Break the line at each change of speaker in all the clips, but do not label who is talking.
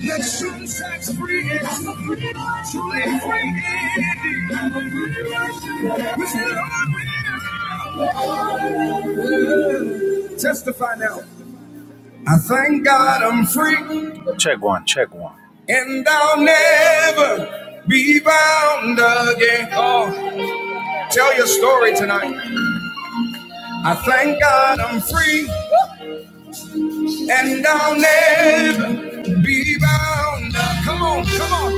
The sun sets free and truly, truly free indeed. Testify now. I thank God I'm free, Check one, check one. and I'll never be bound again. Oh, tell your story tonight. I thank God I'm free, and I'll never be bound. Come on, come on,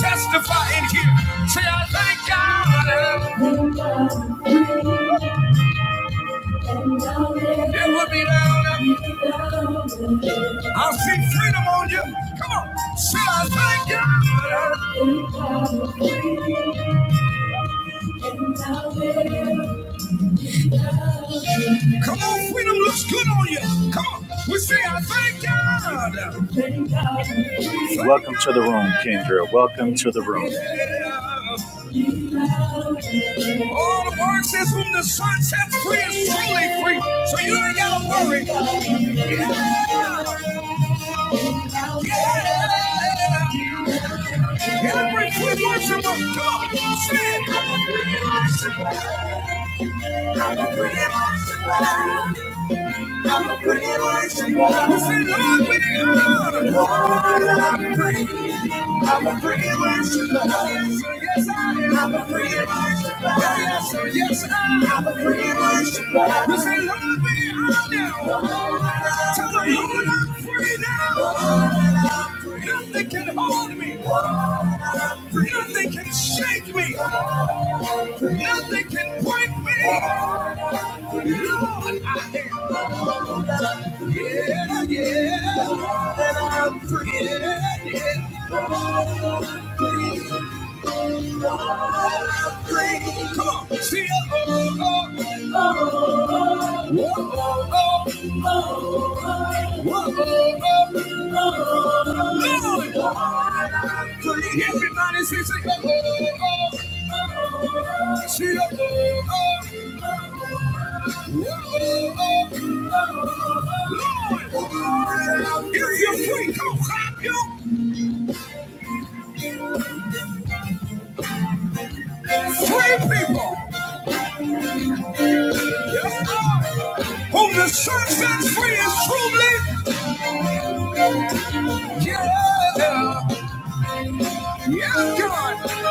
testify in here. Say I thank God, I'll never be bound. I see freedom on you. Come on. Say, I thank God. Come on, freedom looks good on you. Come on. We say, I thank God. Thank Welcome God. to the room, Kendra. Welcome to the room. All the word says, whom the sun sets free is truly free. So you ain't got to worry. Yeah. Yeah. Celebrate with worship. Come on. Say it. I'm a pretty worshiper. I'm a pretty worshiper. I say, Lord, we are. Lord, I'm pretty. I'm a pretty worshiper. Yes, sir, yes, I am. I'm a pretty worshiper. Yes, sir, yes, I am. I'm a pretty worshiper. I say, Lord, we are now. Tell the Lord I'm Nothing can hold me. Nothing can shake me. Nothing can break me. Lord, I am. Yeah, yeah. I'm free. Yeah, yeah. I'm free. Come on, see it. Oh, oh, oh, oh, oh, oh. Everybody say, say, see ya. Lord, if you're free, come clap your free people. Yes, Lord. Whom the sun sets free is truly. Yeah, yeah, God.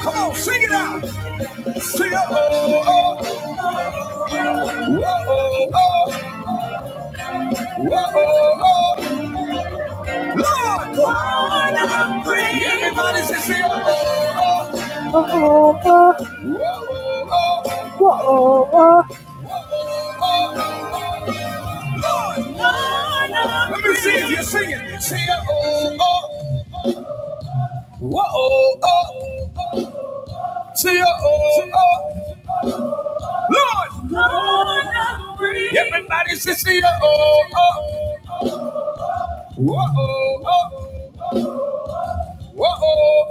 Come on, sing it out. See ya. Oh, oh, oh, oh, oh, oh, oh, oh. Lord, Lord, I'm free. Everybody says, oh oh oh Let me see if you sing it. See ya, oh, oh. Whoa, oh, oh. See ya, oh, oh. Lord, everybody say see ya, oh, oh. Whoa, oh, oh. Whoa, oh,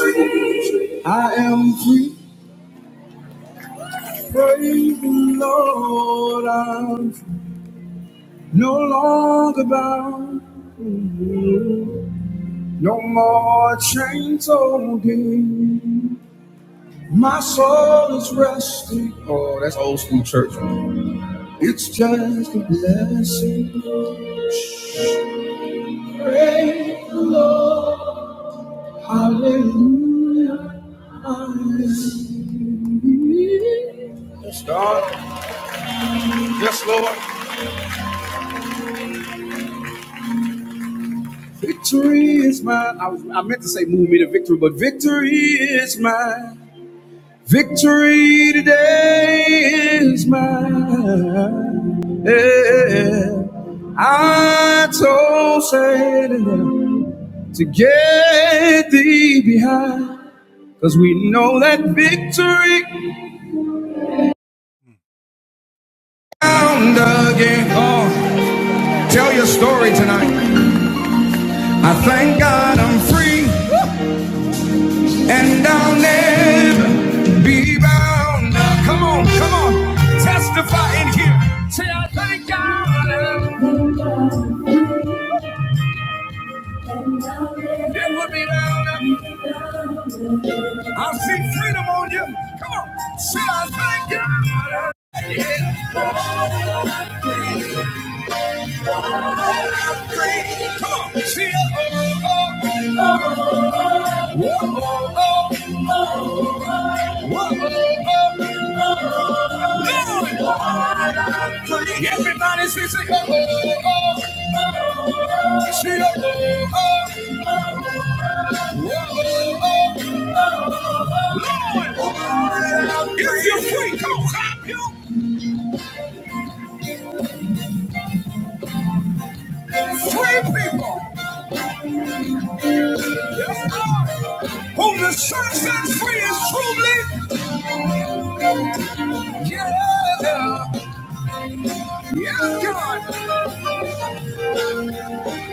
oh. I am free. Praise the Lord. I'm no longer bound. No more chains holding. My soul is resting. Oh, that's old school church. It's just a blessing. Pray. Hallelujah. Hallelujah. Yes, God. Yes, Lord. Victory is mine. I, was, I meant to say move me to victory, but victory is mine. Victory today is mine. Yeah. I told Satan to get thee behind. Cause we know that victory found again. Oh, tell your story tonight. I thank God I'm free and I'll never be bound. Come on, come on, testify in here. Say I thank God. I'm It would be louder. I see freedom on you. Come on. See, I thank God. i free. Come on. See, oh, oh, oh, oh, Lord. Everybody say, say, oh, oh, see, oh, oh, oh, oh, oh. If you're free, come on. Clap you. Free people. Yes, Lord. Whom the sun sets free is truly. Yeah. Yeah, God.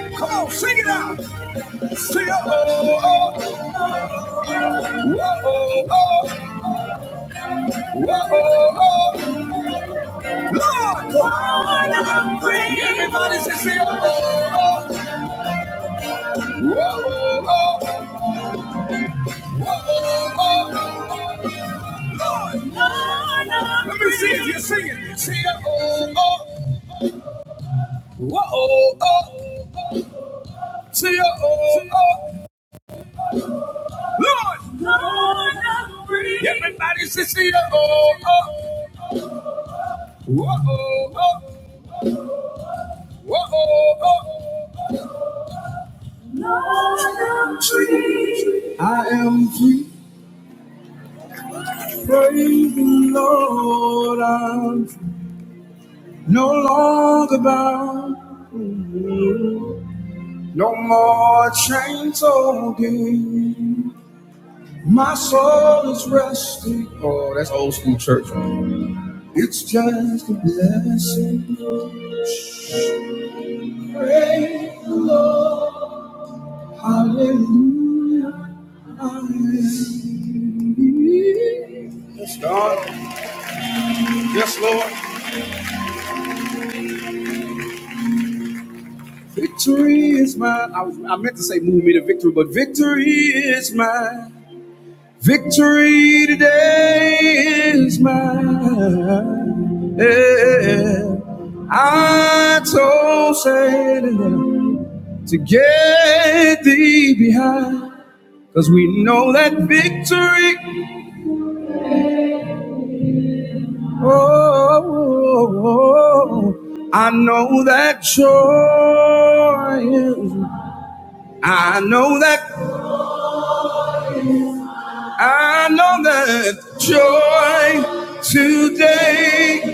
Come on, sing it out. See, oh, oh, oh. oh oh, oh oh, Lord, Lord, I'm praying. Everybody should say, oh oh, oh oh, oh Lord, Lord, I'm praying. Let me see if you're singing. Say, oh, oh, whoa, oh, say, oh, oh Lord, Lord, I'm praying. Everybody whoa, oh, oh. oh oh, oh, oh, Lord, I'm free. I am free. Praise the Lord, I'm no longer bound, no more chains holding. My soul is resting. Oh, that's old school church. It's just a blessing. Praise, hallelujah. hallelujah. Yes, God. Yes, Lord. Victory is mine. I, was, I meant to say move me to victory, but victory is mine. Victory today is mine. Yeah. I told Satan to get thee behind. Cause we know that victory, oh, oh, oh, I know that joy I know that, I know that joy today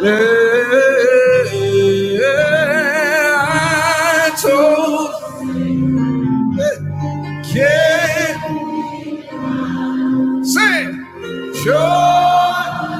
I told Kate, say, sure.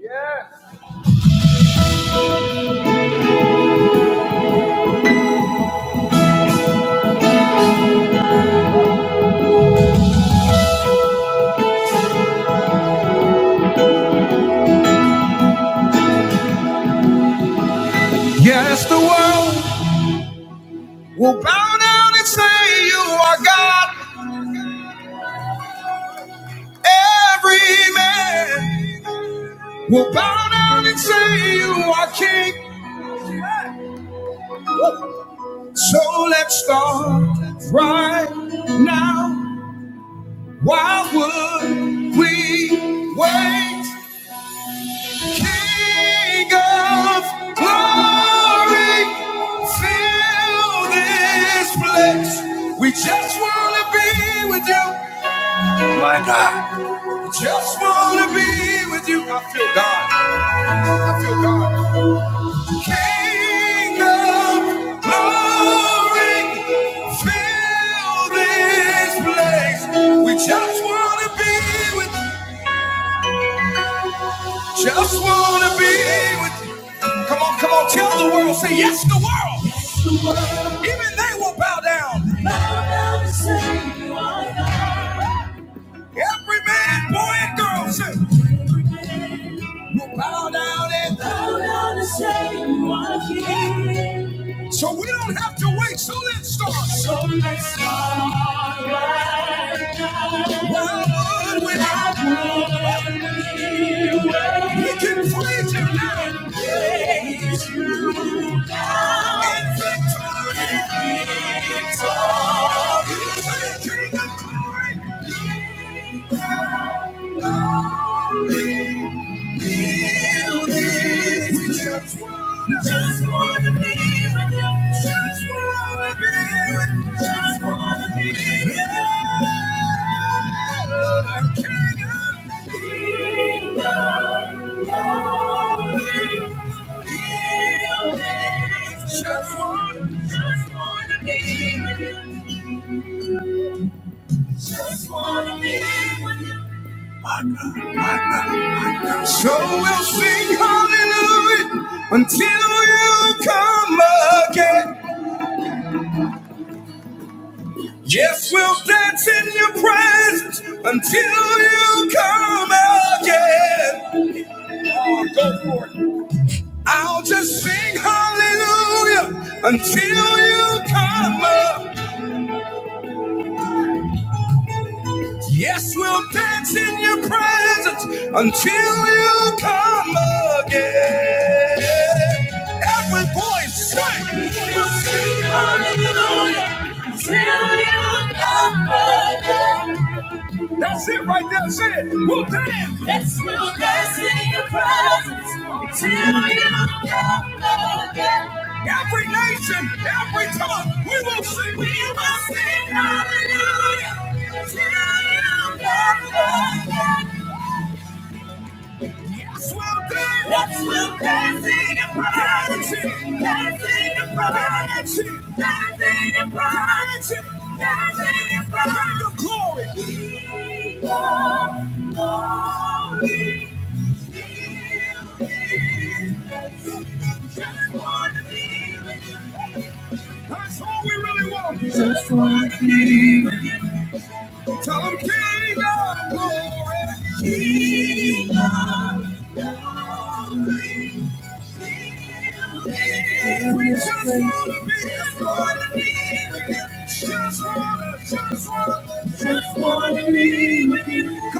Yes, Yes, the world will bow down and say you are God. Every man will bow down and say you are King. So let's start right now. Why would we wait? King of glory, We just want to be with you. My God. We Just want to be with you. I feel God. I feel God. King of glory, fill this place. We just want to be with you. Just wanna be with you. Come on, come on, tell the world, say yes, the world. Even they will bow down. Every man, boy, and girl say, will bow down and bow down and say. So we don't have to wait, so let's start. So let's start. One without one. We can flee tonight. and Praise you in victory. Victory. King of glory. So we'll sing hallelujah until you come again. Yes, we'll dance in your presence until you come again. I'll just sing hallelujah until you come up. Yes, we'll dance in your presence until you come again. Every voice, sing. we'll sing hallelujah. That's it right there. That's it. We'll dance. That's- Every night, Tell them King, I just be with you.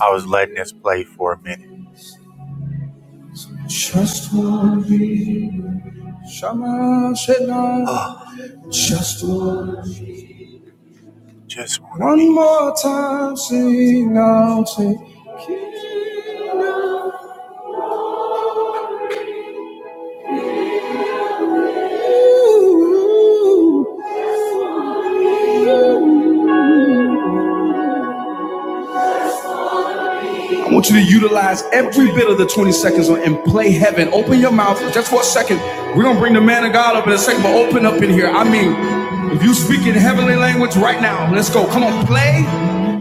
I was letting this play for a minute. Just wanna be. with you. Shama Shela. Ah, Just one, just one, one more time, Sing, now, say. you. I want you to utilize every bit of the 20 seconds and play heaven. Open your mouth just for a second. We're gonna bring the man of God up in a second, but open up in here. I mean, if you speak in heavenly language right now, let's go. Come on, play.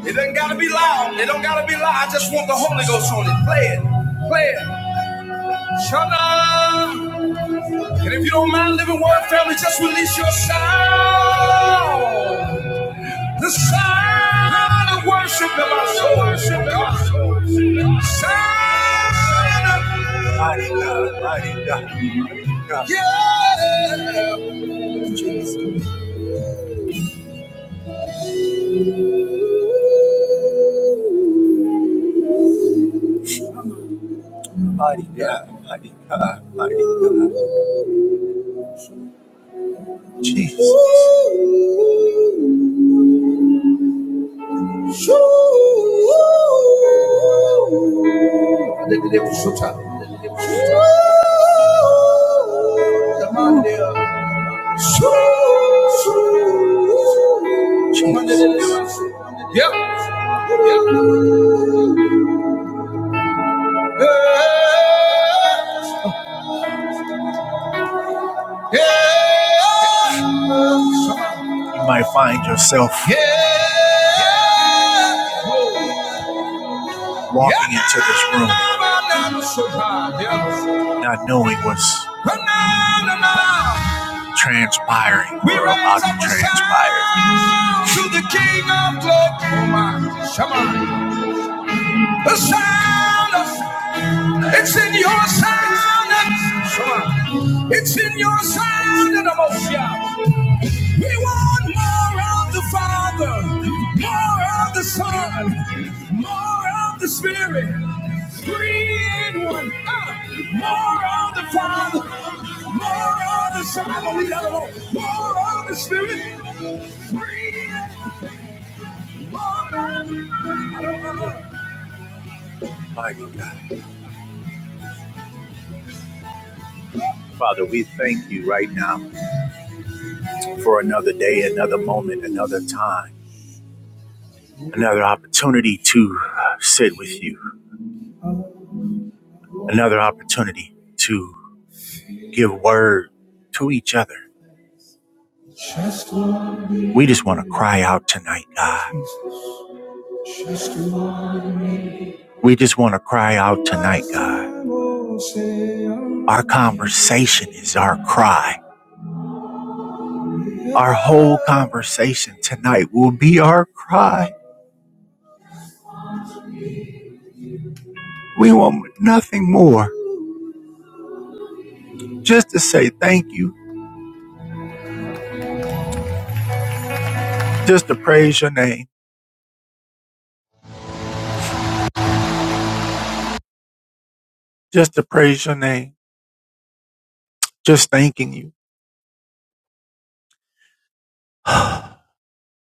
It doesn't gotta be loud. It don't gotta be loud. I just want the Holy Ghost on it. Play it. Play it. Shut And if you don't mind living word family, just release your sound. The sound of worship in my soul. Worship in my soul. Sound of mighty God. Yeah. Jesus. Ooh, ooh. Ooh. The Monday. Yep. You might find yourself. Yeah. walking into this room not knowing what's transpiring or about to transpire. To the King of Glory, the sound of it's in your sound. It's in your sound. and I'm we want more of the Father, more of the Son, more of the Spirit. Three in one. Ah, more of the Father, more of the Son. Oh, we love it. all. More of the Spirit. Three in Mighty God. Father, we thank you right now for another day, another moment, another time, another opportunity to sit with you, another opportunity to. give word to each other. We just want to cry out tonight, God. We just want to cry out tonight, God. Our conversation is our cry. Our whole conversation tonight will be our cry. We want nothing more. Just to say thank you. Just to praise your name. Just to praise your name. Just thanking you.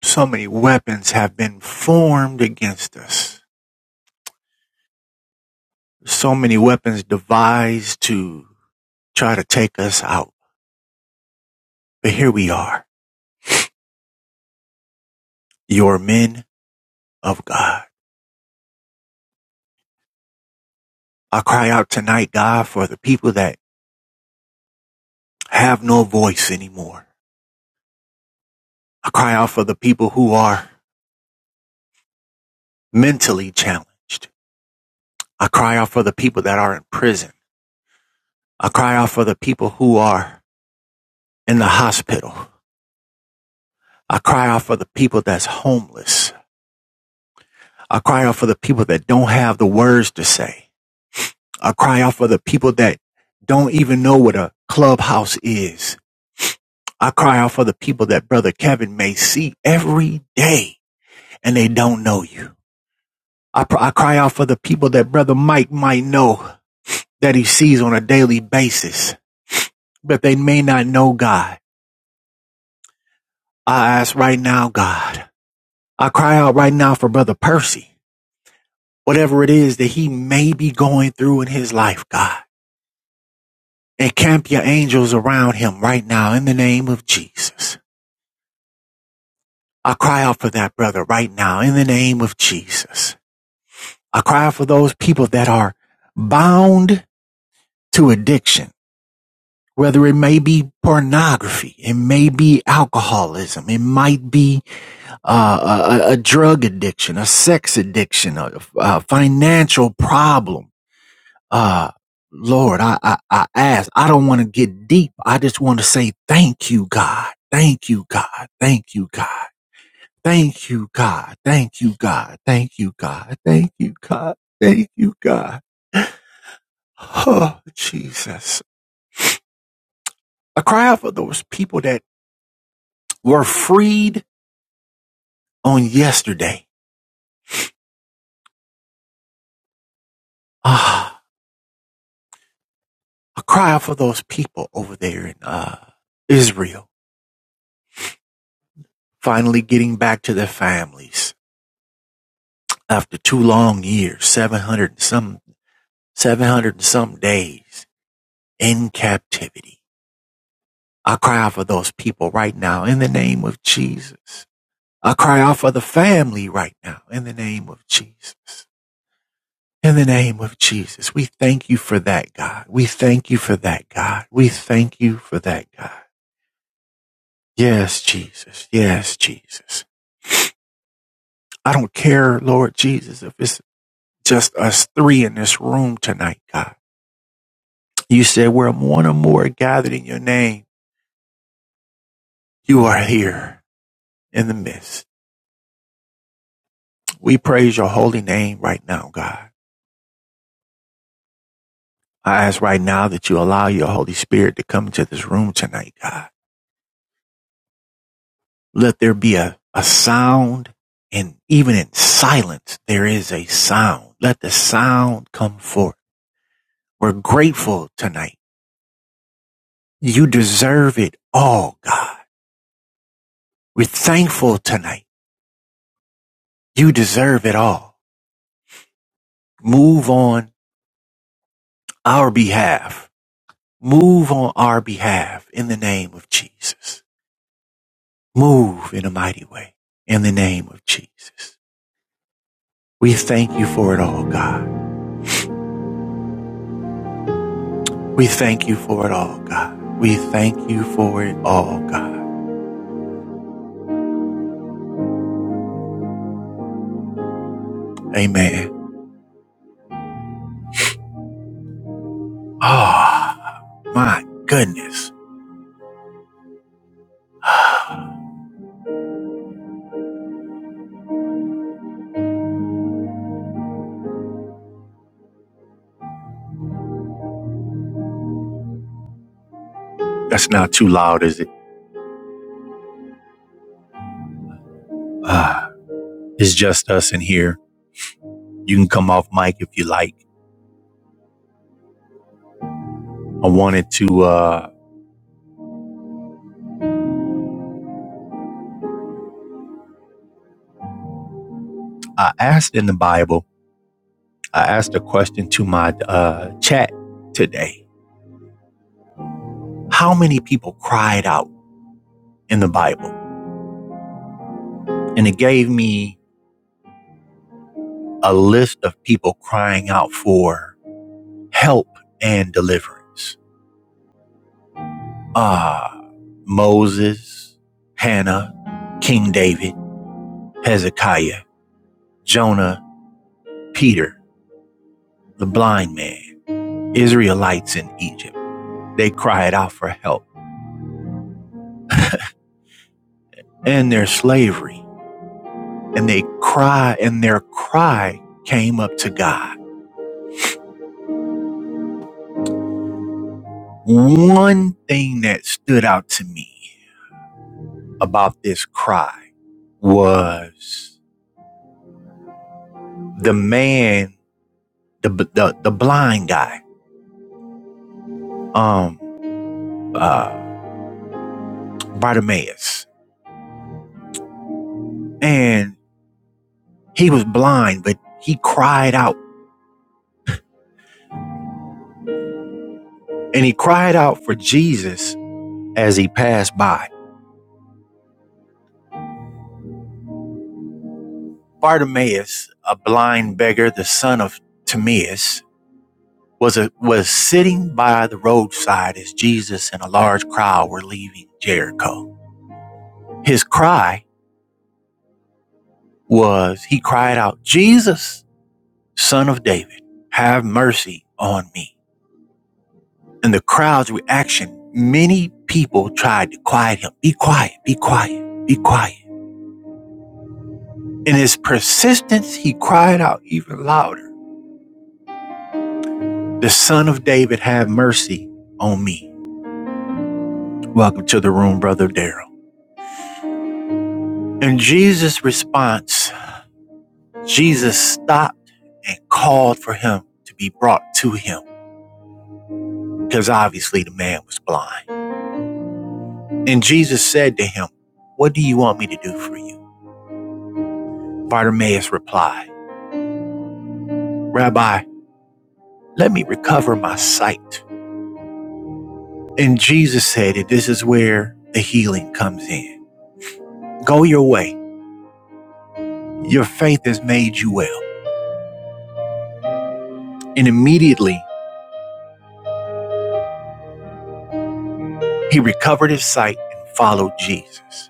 So many weapons have been formed against us. So many weapons devised to try to take us out. But here we are. your men of God. I cry out tonight, God, for the people that have no voice anymore. I cry out for the people who are mentally challenged. I cry out for the people that are in prison. I cry out for the people who are in the hospital. I cry out for the people that's homeless. I cry out for the people that don't have the words to say. I cry out for the people that don't even know what a clubhouse is. I cry out for the people that Brother Kevin may see every day and they don't know you. I, pr- I cry out for the people that Brother Mike might know that he sees on a daily basis, but they may not know God. I ask right now, God. I cry out right now for Brother Percy, whatever it is that he may be going through in his life, God. Encamp your angels around him right now in the name of Jesus. I cry out for that brother right now in the name of Jesus. I cry out for those people that are bound to addiction whether it may be pornography, it may be alcoholism, it might be uh, a, a drug addiction, a sex addiction, a, a financial problem. Uh, Lord, I, I, I ask, I don't want to get deep. I just want to say thank you, God. Thank you, God. Thank you, God. Thank you, God. Thank you, God. Thank you, God. Thank you, God. Thank you, God. Oh, Jesus. I cry out for those people that were freed on yesterday. Ah, a cry out for those people over there in uh, Israel, finally getting back to their families after two long years, 700 and some, 700 and some days in captivity. I cry out for those people right now in the name of Jesus. I cry out for the family right now in the name of Jesus. In the name of Jesus, we thank you for that, God. We thank you for that, God. We thank you for that, God. Yes, Jesus. Yes, Jesus. I don't care, Lord Jesus, if it's just us three in this room tonight, God. You said where one or more are gathered in your name, you are here in the midst. We praise your holy name right now, God. I ask right now that you allow your Holy Spirit to come into this room tonight, God. Let there be a, a sound and even in silence, there is a sound. Let the sound come forth. We're grateful tonight You deserve it all, God. We're thankful tonight. You deserve it all. Move on our behalf. Move on our behalf in the name of Jesus. Move in a mighty way in the name of Jesus. We thank you for it all, God. We thank you for it all, God. We thank you for it all, God. Amen. Ah, oh, my goodness. That's not too loud, is it? Ah, it's just us in here. You can come off mic if you like. I wanted to. Uh, I asked in the Bible. I asked a question to my uh, chat today. How many people cried out in the Bible? And it gave me a list of people crying out for help and deliverance. Ah, uh, Moses, Hannah, King David, Hezekiah, Jonah, Peter, the blind man, Israelites in Egypt. They cried out for help and their slavery and they cry, and their cry came up to God. One thing that stood out to me about this cry was the man, the the, the blind guy, um, uh, Bartimaeus, and he was blind, but he cried out, and he cried out for Jesus as he passed by. Bartimaeus, a blind beggar, the son of Timaeus, was a, was sitting by the roadside as Jesus and a large crowd were leaving Jericho. His cry was he cried out, "Jesus, son of David, have mercy on me." And the crowd's reaction, many people tried to quiet him. Be quiet, be quiet, be quiet. In his persistence, he cried out even louder, "The son of David, have mercy on me." Welcome to the room, brother Daryl. And Jesus' response Jesus stopped and called for him to be brought to him because obviously the man was blind. And Jesus said to him, What do you want me to do for you? Bartimaeus replied, Rabbi, let me recover my sight. And Jesus said that this is where the healing comes in. Go your way. Your faith has made you well. And immediately he recovered his sight and followed Jesus.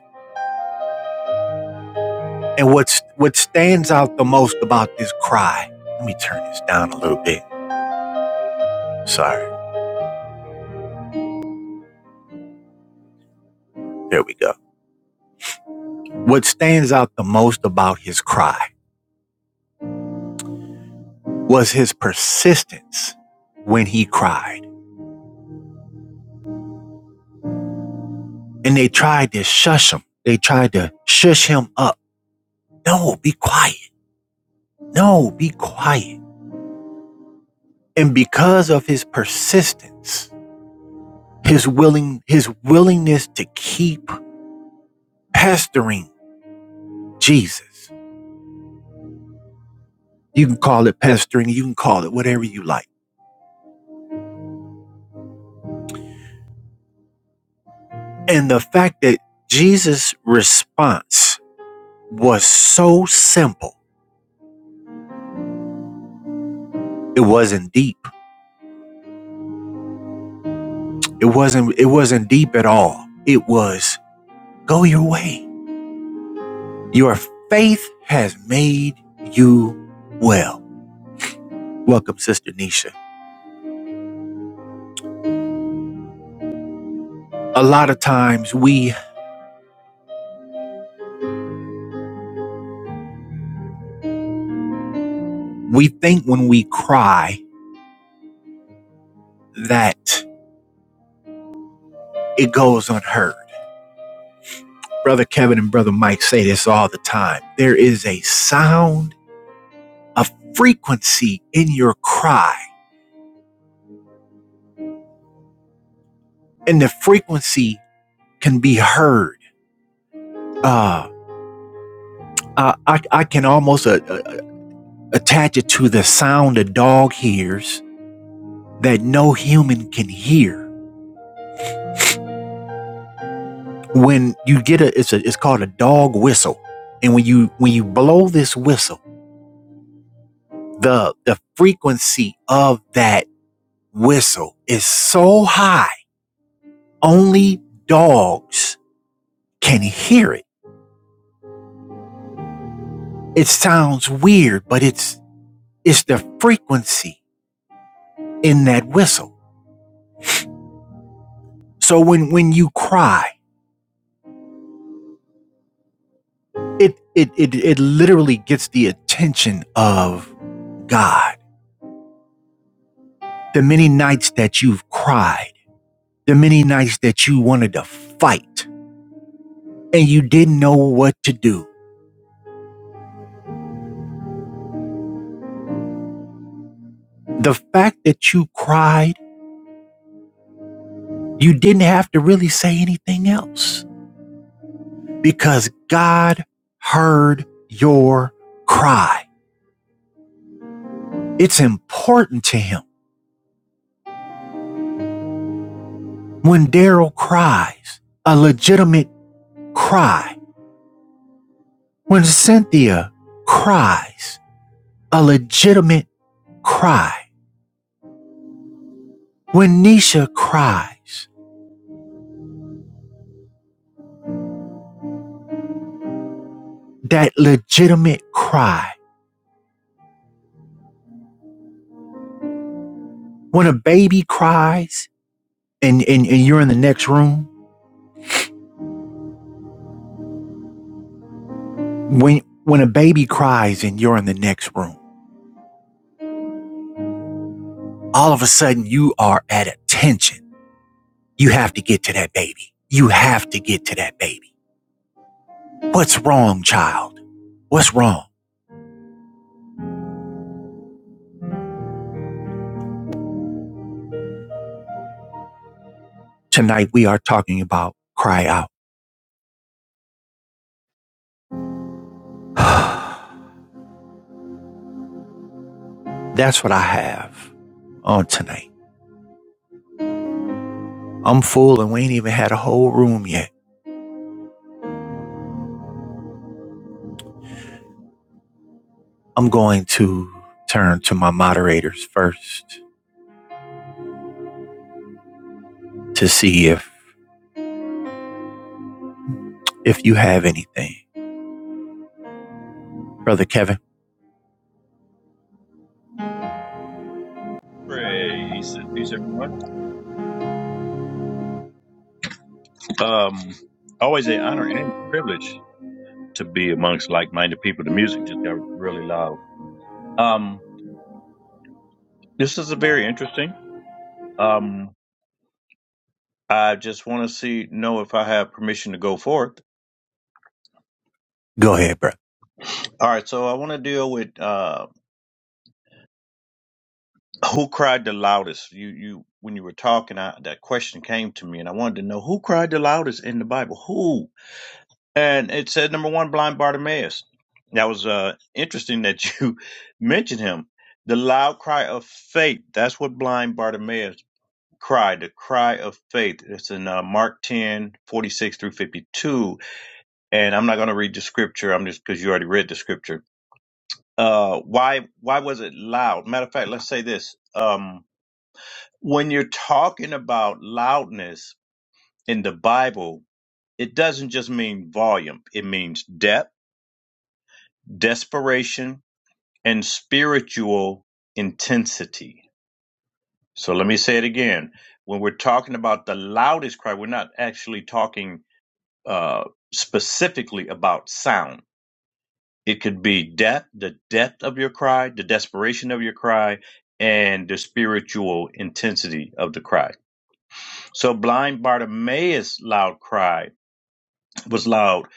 And what's, what stands out the most about this cry, let me turn this down a little bit Sorry. There we go. What stands out the most about his cry was his persistence when he cried. And they tried to shush him. They tried to shush him up. No, be quiet. No, be quiet. And because of his persistence, his willing his willingness to keep pestering Jesus. You can call it pestering, you can call it whatever you like. And the fact that Jesus' response was so simple It wasn't deep. It wasn't it wasn't deep at all. It was go your way. Your faith has made you well. Welcome, Sister Nisha. A lot of times we we think when we cry that it goes unheard. Brother Kevin and Brother Mike say this all the time. There is a sound, a frequency in your cry, and the frequency can be heard. Uh, I, I, I can almost uh, attach it to the sound a dog hears that no human can hear. When you get a, it's a, it's called a dog whistle, and when you when you blow this whistle, the the frequency of that whistle is so high, only dogs can hear it. It sounds weird, but it's it's the frequency in that whistle. So when when you cry it it it, it literally gets the attention of God. The many nights that you've cried, the many nights that you wanted to fight and you didn't know what to do. The fact that you cried, you didn't have to really say anything else because God heard your cry. It's important to him. When Daryl cries, a legitimate cry. When Cynthia cries, a legitimate cry. When Nisha cries, that legitimate cry. When a baby cries and, and, and you're in the next room, when when a baby cries and you're in the next room, all of a sudden you are at attention. You have to get to that baby. You have to get to that baby. What's wrong, child? What's wrong? Tonight we are talking about cry out. That's what I have on tonight. I'm full and we ain't even had a whole room yet. I'm going to turn to my moderators first to see if if you have anything. Brother Kevin,
Praise and peace, everyone. Um, always an honor and privilege to be amongst like-minded people. The music just got really loud. Um, this is a very interesting. Um, I just want to see know if I have permission to go forth.
go ahead, brother.
All right, so I want to deal with uh, who cried the loudest. You, you, when you were talking, I, that question came to me, and I wanted to know who cried the loudest in the Bible. Who? and it said number one, blind Bartimaeus. That was uh, interesting that you mentioned him. The loud cry of faith. That's what blind Bartimaeus cried. The cry of faith. It's in uh, Mark 10 46 through 52. And I'm not going to read the scripture. I'm just because you already read the scripture. Uh, why? Why was it loud? Matter of fact, let's say this. Um, when you're talking about loudness in the Bible, it doesn't just mean volume. It means depth, desperation, and spiritual intensity. So let me say it again. When we're talking about the loudest cry, we're not actually talking uh, specifically about sound. It could be depth, the depth of your cry, the desperation of your cry, and the spiritual intensity of the cry. So blind Bartimaeus' loud cry was loud.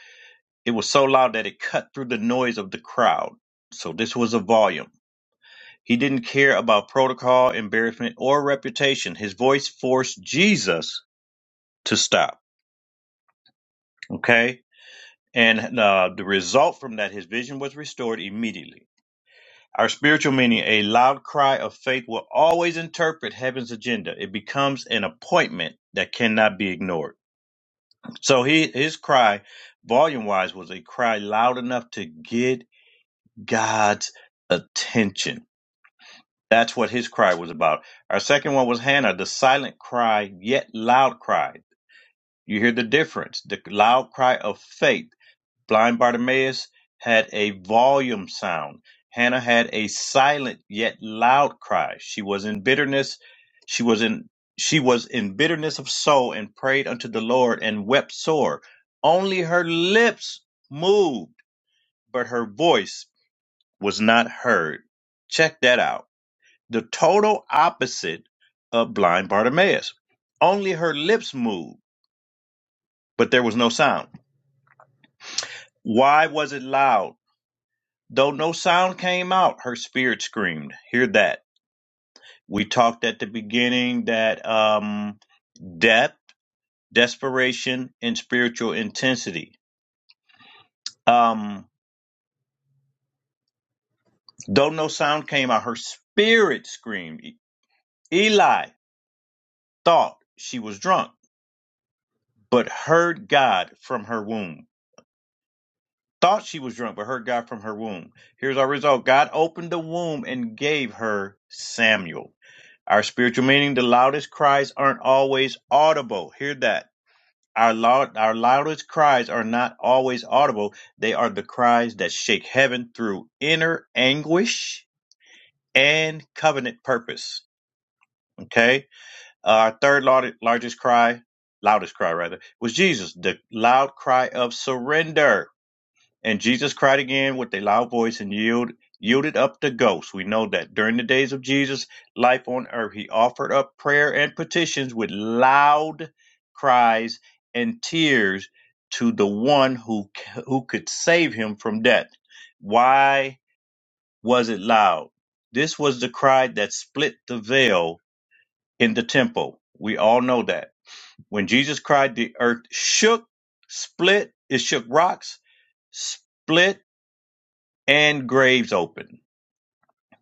It was so loud that it cut through the noise of the crowd. So this was a volume. He didn't care about protocol, embarrassment, or reputation. His voice forced Jesus to stop. Okay? And uh, the result from that, his vision was restored immediately. Our spiritual meaning, a loud cry of faith, will always interpret heaven's agenda. It becomes an appointment that cannot be ignored. So he, his cry, volume wise, was a cry loud enough to get God's attention. That's what his cry was about. Our second one was Hannah, the silent cry, yet loud cry. You hear the difference. The loud cry of faith. Blind Bartimaeus had a volume sound. Hannah had a silent yet loud cry. She was in bitterness. She was in she was in bitterness of soul and prayed unto the Lord and wept sore. Only her lips moved, but her voice was not heard. Check that out the total opposite of blind Bartimaeus. Only her lips moved, but there was no sound. Why was it loud? Though no sound came out, her spirit screamed. Hear that. We talked at the beginning that um, depth, desperation, and spiritual intensity. Um, though no sound came out, her spirit screamed. E-, Eli thought she was drunk, but heard God from her womb. Thought she was drunk, but heard God from her womb. Here's our result God opened the womb and gave her Samuel. Our spiritual meaning, the loudest cries aren't always audible. Hear that. Our, loud, our loudest cries are not always audible. They are the cries that shake heaven through inner anguish and covenant purpose. Okay? Uh, Our third lar- largest cry, loudest cry rather, was Jesus, the loud cry of surrender. And Jesus cried again with a loud voice and yield, yielded up the ghost. We know that during the days of Jesus' life on earth, he offered up prayer and petitions with loud cries and tears to the one who, who could save him from death. Why was it loud? This was the cry that split the veil in the temple. We all know that. When Jesus cried, the earth shook, split, it shook rocks, split and graves open.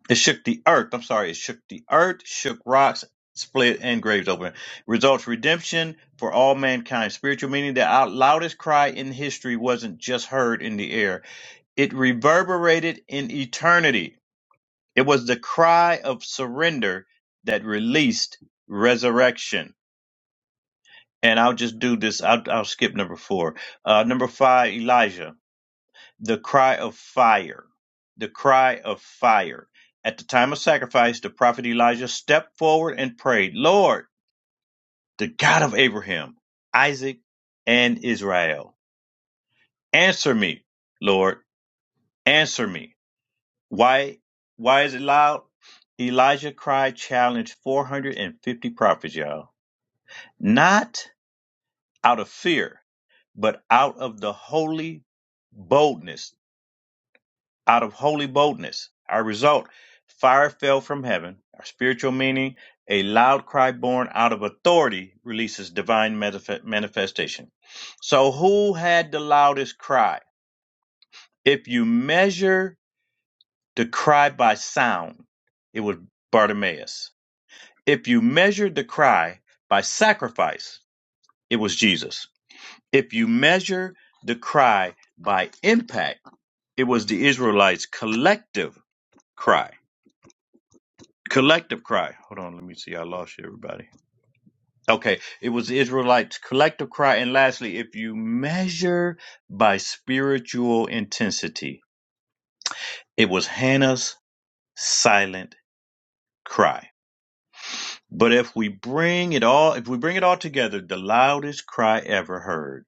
It shook the earth. I'm sorry, it shook the earth, shook rocks, split, and graves open. Results redemption for all mankind. Spiritual meaning the out loudest cry in history wasn't just heard in the air, it reverberated in eternity. It was the cry of surrender that released resurrection. And I'll just do this. I'll, I'll skip number four. Uh, number five, Elijah. the cry of fire, the cry of fire. At the time of sacrifice, the prophet Elijah stepped forward and prayed, Lord, the God of Abraham, Isaac, and Israel, answer me, Lord, answer me. Why, why is it loud? Elijah cried, challenged 450 prophets, y'all, not out of fear, but out of the holy boldness out of holy boldness. Our result, fire fell from heaven. Our spiritual meaning, a loud cry born out of authority releases divine manifestation. So, who had the loudest cry? If you measure the cry by sound, it was Bartimaeus. If you measure the cry by sacrifice, it was Jesus. If you measure the cry by impact, it was the Israelites' collective cry collective cry. Hold on, let me see. I lost you, everybody. Okay, it was the Israelites' collective cry. And lastly, if you measure by spiritual intensity, it was Hannah's silent cry. But if we bring it all, if we bring it all together, the loudest cry ever heard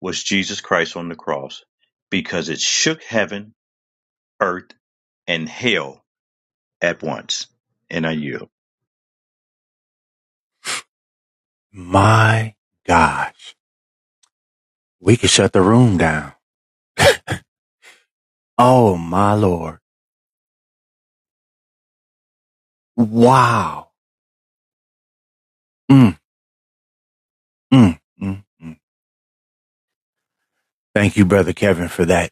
was Jesus Christ on the cross because it shook heaven, earth, and hell at once. And I yield.
My gosh. We could shut the room down. Oh my lord. Wow. Mm, mm, mm, mm. Thank you, Brother Kevin, for that.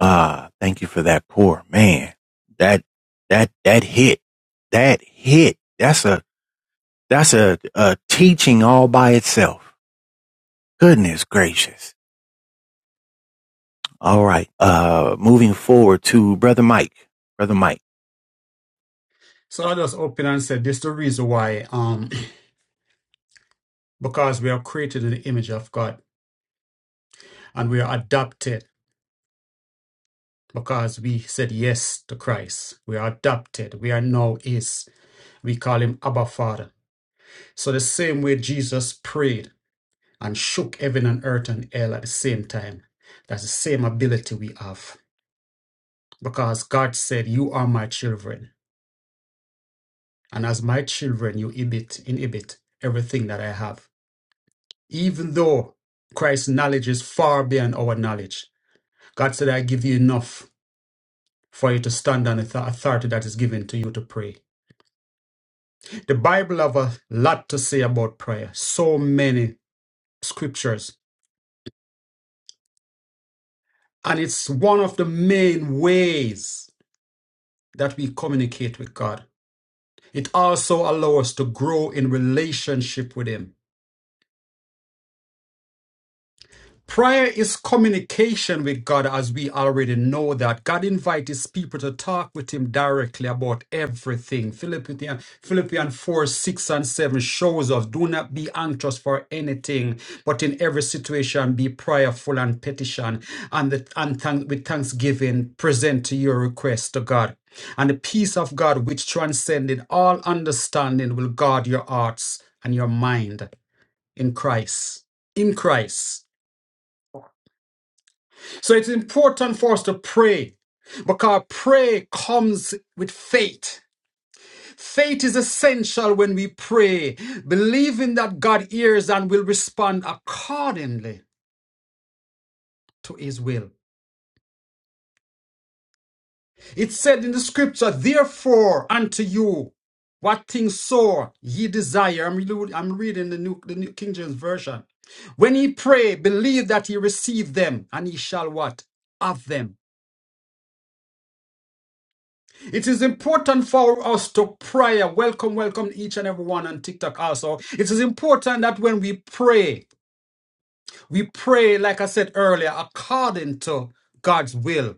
Uh thank you for that poor man. That that that hit. That hit. That's a that's a, a teaching all by itself. Goodness gracious. All right. Uh, moving forward to Brother Mike. Brother Mike.
So I'll just open and say this is the reason why, um, because we are created in the image of God and we are adopted because we said yes to Christ. We are adopted. We are now His. We call Him Abba Father. So the same way Jesus prayed and shook heaven and earth and hell at the same time, that's the same ability we have because God said, "You are my children, and as my children, you inhabit inhabit everything that I have." even though Christ's knowledge is far beyond our knowledge. God said, I give you enough for you to stand on the author- authority that is given to you to pray. The Bible have a lot to say about prayer, so many scriptures. And it's one of the main ways that we communicate with God. It also allows us to grow in relationship with Him. Prayer is communication with God, as we already know that. God invites his people to talk with him directly about everything. Philippians, Philippians 4, 6 and 7 shows us, do not be anxious for anything, but in every situation be prayerful and petition, and, the, and thank, with thanksgiving present to your request to God. And the peace of God, which transcended all understanding, will guard your hearts and your mind in Christ. In Christ. So it's important for us to pray because prayer comes with faith. Faith is essential when we pray, believing that God hears and will respond accordingly to his will. It said in the scripture, therefore unto you, what things soever ye desire. I'm, relu- I'm reading the New, the New King James Version. When ye pray, believe that ye receive them and ye shall what? Have them. It is important for us to pray. Welcome, welcome each and everyone on TikTok also. It is important that when we pray, we pray, like I said earlier, according to God's will.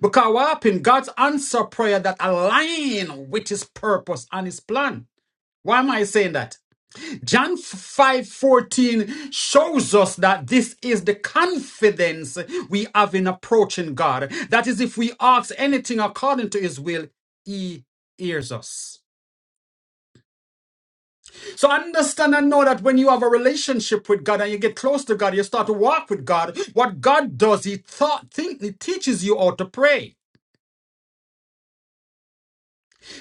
Because what happened? God's answer prayer that align with his purpose and his plan. Why am I saying that? John 5:14 shows us that this is the confidence we have in approaching God. That is if we ask anything according to his will, he hears us. So understand and know that when you have a relationship with God and you get close to God, you start to walk with God. What God does, He thought, think, He teaches you how to pray.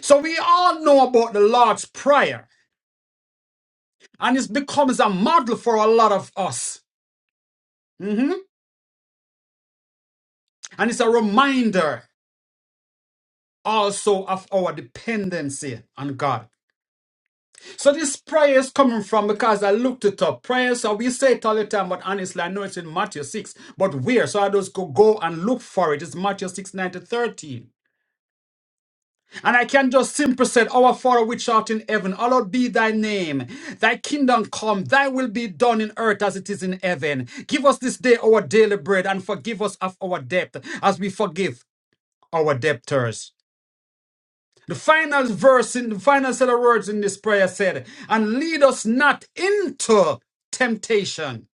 So we all know about the Lord's Prayer, and it becomes a model for a lot of us. Mhm. And it's a reminder. also of our dependency on God. So this prayer is coming from because I looked it up. Prayer, so we say it all the time, but honestly, I know it's in Matthew 6. But where? So I just go, go and look for it. It's Matthew 6, 9 to 13. And I can just simply say, Our Father which art in heaven, hallowed be thy name. Thy kingdom come, thy will be done in earth as it is in heaven. Give us this day our daily bread and forgive us of our debt as we forgive our debtors. The final verse in the final set of words in this prayer said, And lead us not into temptation,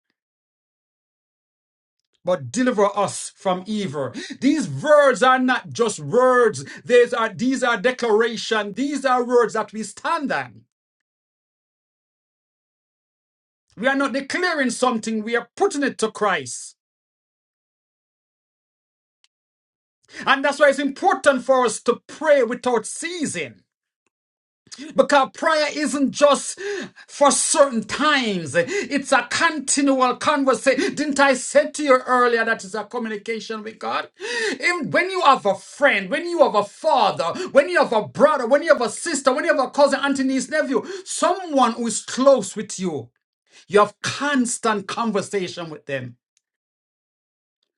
but deliver us from evil. These words are not just words, these are these are declaration, these are words that we stand on. We are not declaring something, we are putting it to Christ. And that's why it's important for us to pray without ceasing. Because prayer isn't just for certain times. It's a continual conversation. Didn't I say to you earlier that is a communication with God? And when you have a friend, when you have a father, when you have a brother, when you have a sister, when you have a cousin, auntie, niece, nephew, someone who is close with you, you have constant conversation with them.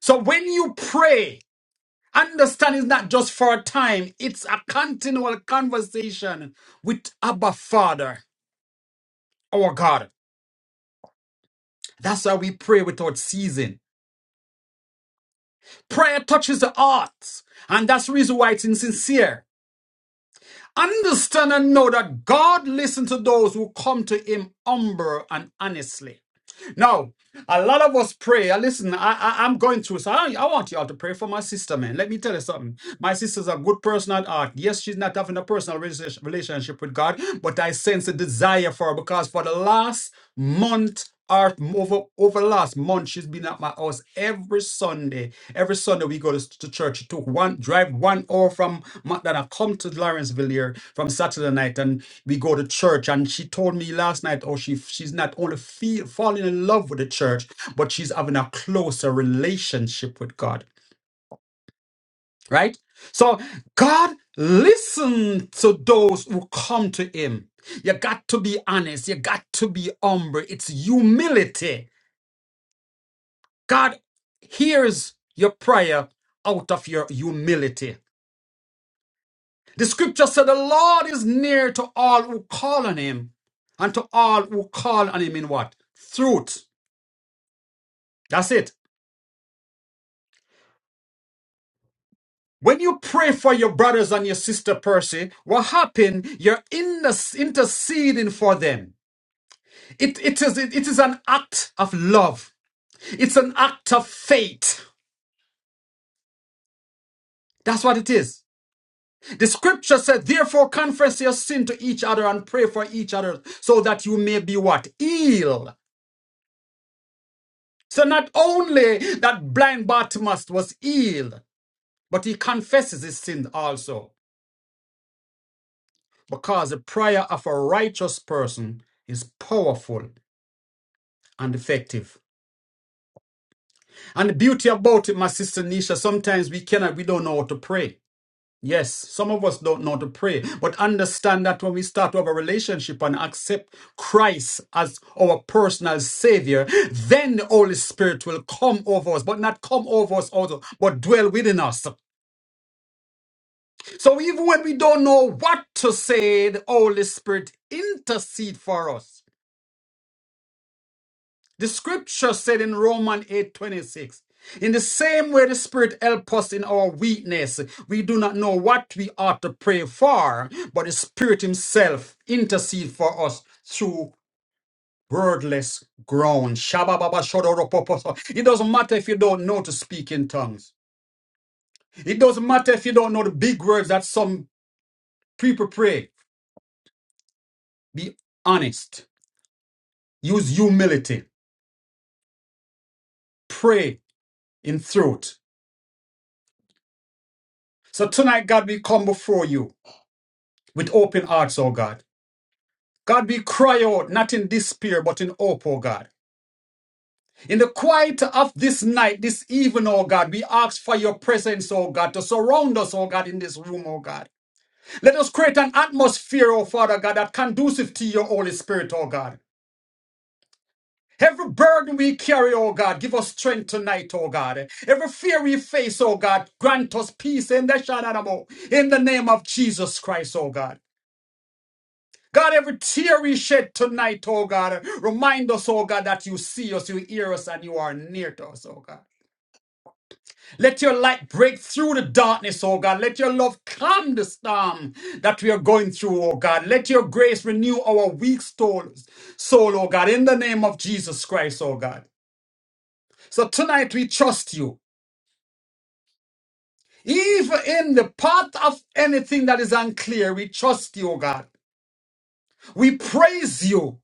So when you pray, understand it's not just for a time, it's a continual conversation with Abba Father. our God. That's why we pray without ceasing. Prayer touches the heart, and that's the reason why it's insincere. Understand and know that God listens to those who come to Him humble and honestly. Now, a lot of us pray. uh, Listen, I, I, I'm going through, so I, I want you all to pray for my sister, man. Let me tell you something. My sister's a good person at heart. Yes, she's not having a personal rela- relationship with God, but I sense a desire for her because for the last month or over, over the last month, she's been at my us every Sunday. Every Sunday we go to, to church. It took one drive one hour from McDonough, come to Lawrenceville here from Saturday night, and we go to church. And she told me last night, oh, she she's not only feel, falling in love with the church, but she's having a closer relationship with God. Right? So God listen to those who come to Him. You got to be honest. You got to be humble. It's humility God hears your prayer out of your humility. The scripture said, The Lord is near to all who call on him, and to all who call on him in what? Truth. That's it. When you pray for your brothers and your sister, Percy, what happened? You're in the, interceding for them. It, it, is, it is an act of love, it's an act of faith. That's what it is. The scripture says, therefore confess your sin to each other and pray for each other so that you may be what? Healed. So not only that blind Bartimaeus was healed, but he confesses his sin also because the prayer of a righteous person is powerful and effective. And the beauty about it, my sister Nisha, sometimes we cannot, we don't know how to pray. Yes, some of us don't know to pray, but understand that when we start to have a relationship and accept Christ as our personal Savior, then the Holy Spirit will come over us, but not come over us also, but dwell within us. So even when we don't know what to say, the Holy Spirit intercede for us. The scripture said in Romans 8 26, in the same way the Spirit helps us in our weakness, we do not know what we ought to pray for, but the Spirit Himself intercedes for us through wordless groan. shabba It doesn't matter if you don't know to speak in tongues. It doesn't matter if you don't know the big words that some people pray. Be honest. Use humility. Pray in truth. So tonight, God, we come before you. with open hearts, O God. God, we cry out, not in despair, but in hope, O God. In the quiet of this night, this even, O God, we ask for your presence, O God, to surround us, O God, in this room, O God. Let us create an atmosphere, O Father God, that conducive to your Holy Spirit, O God. Every burden we carry, O God, give us strength tonight, O God. Every fear we face, O God, grant us peace in the Shananamo. In the name of Jesus Christ, O God. God, every tear we shed tonight, oh God, remind us, oh God, that you see us, you hear us, and you are near to us, oh God. Let your light break through the darkness, oh God. Let your love calm the storm that we are going through, oh God. Let your grace renew our weak soul, soul, oh God, in the name of Jesus Christ, oh God. So tonight we trust you. Even in the path of anything that is unclear, we trust you, oh God. We praise you.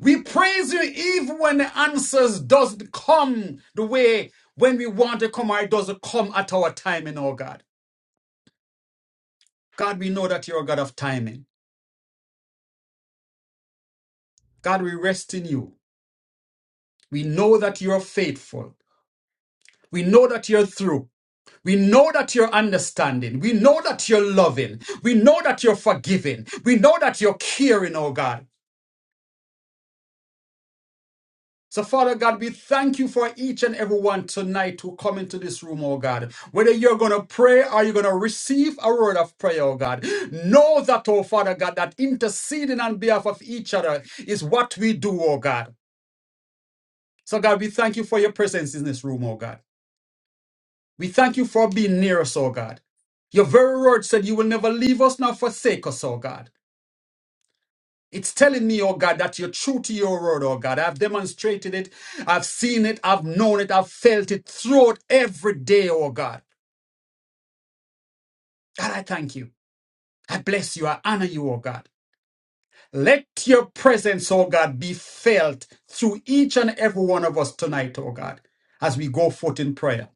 We praise you even when the answers doesn't come the way when we want to come or it doesn't come at our timing, oh God. God, we know that you're a God of timing. God, we rest in you. We know that you're faithful. We know that you're through. We know that you're understanding. We know that you're loving. We know that you're forgiving. We know that you're caring, oh God. So, Father God, we thank you for each and everyone tonight who come into this room, oh God. Whether you're going to pray or you're going to receive a word of prayer, oh God. Know that, oh Father God, that interceding on behalf of each other is what we do, oh God. So, God, we thank you for your presence in this room, oh God. We thank you for being near us, oh God. Your very word said you will never leave us nor forsake us, oh God. It's telling me, oh God, that you're true to your word, oh God. I've demonstrated it, I've seen it, I've known it, I've felt it throughout every day, oh God. God, I thank you. I bless you. I honor you, oh God. Let your presence, oh God, be felt through each and every one of us tonight, oh God, as we go forth in prayer.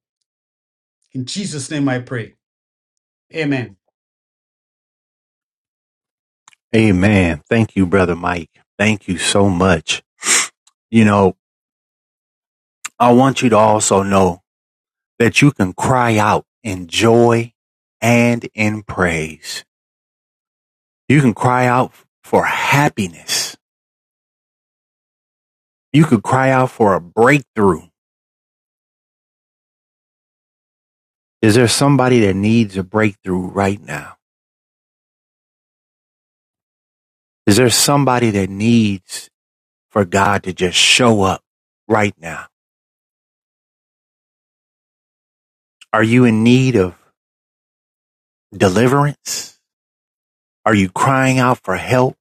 In Jesus' name I pray. Amen.
Amen. Thank you, Brother Mike. Thank you so much. You know, I want you to also know that you can cry out in joy and in praise. You can cry out for happiness. You could cry out for a breakthrough. Is there somebody that needs a breakthrough right now? Is there somebody that needs for God to just show up right now? Are you in need of deliverance? Are you crying out for help?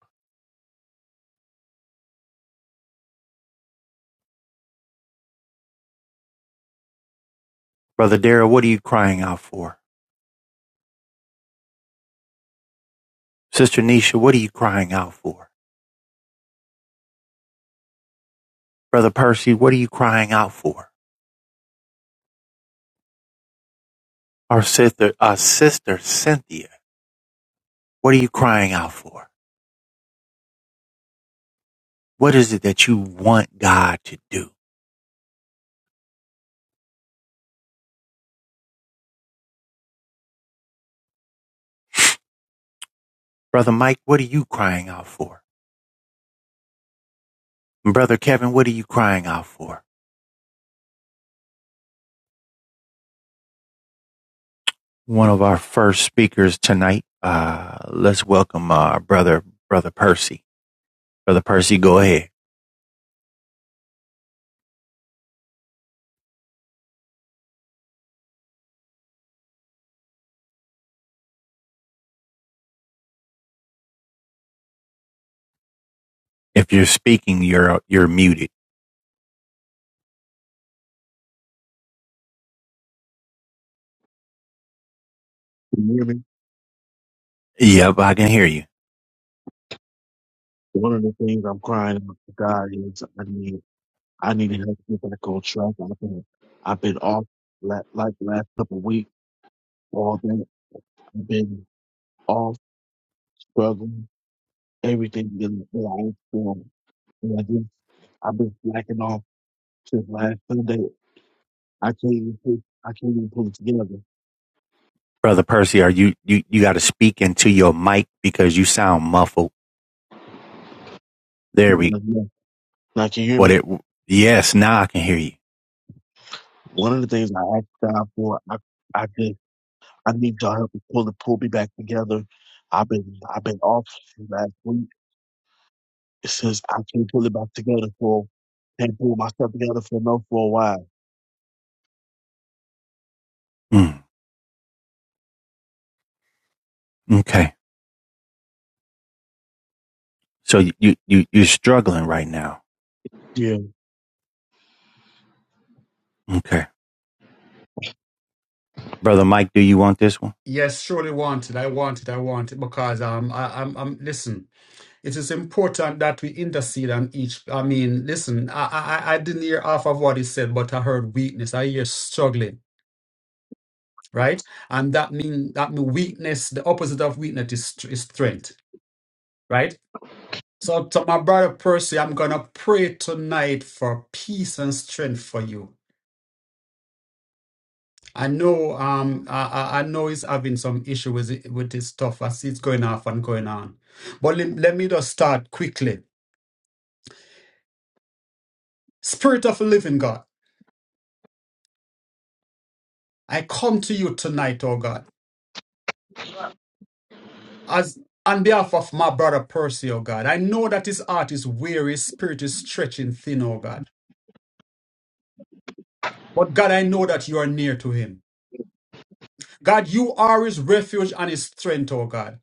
Brother Darrell, what are you crying out for? Sister Nisha, what are you crying out for? Brother Percy, what are you crying out for? Our sister, our sister Cynthia, what are you crying out for? What is it that you want God to do? Brother Mike, what are you crying out for? And Brother Kevin, what are you crying out for? One of our first speakers tonight, uh, let's welcome, uh, brother, brother Percy. Brother Percy, go ahead. If you're speaking, you're you're muted.
Can you hear me?
Yep, I can hear you,
One of the things I'm crying out to God is I need I need to help to get back on track. I've been I've been off la- like the last couple of weeks, all day. I've been off struggling, everything that that I was doing. And I just I've been slacking off since last Sunday. I can't even pull I can't even pull it together.
brother Percy. Are you you you got to speak into your mic because you sound muffled. There
And I'm
we.
like, Now can you hear
What
me?
it? Yes, now I can hear you.
One of the things I asked God for, I I just I need y'all help to pull the pull me back together. I've been I've been off since last week. It says I can't pull it back together for can't pull myself together for no for a while.
Mm, okay, so you you you're struggling right now.
Yeah.
Okay, brother Mike, do you want this one?
Yes, surely wanted. I wanted. I wanted because um, I, I'm, I'm. Listen. It is important that we intercede on each. I mean, listen, I, I I didn't hear half of what he said, but I heard weakness. I hear struggling, right? And that mean that mean weakness. The opposite of weakness is, str- is strength, right? So to my brother Percy, I'm gonna pray tonight for peace and strength for you. I know, um, I, I I know he's having some issue with it, with his stuff. as it's going off and going on. But let, let me just start quickly. Spirit of the living God. I come to you tonight, oh God, as on behalf of my brother Percy, oh God. I know that his heart is weary, his spirit is stretching thin, oh God. But God, I know that you are near to him. God, you are his refuge and his strength, oh God.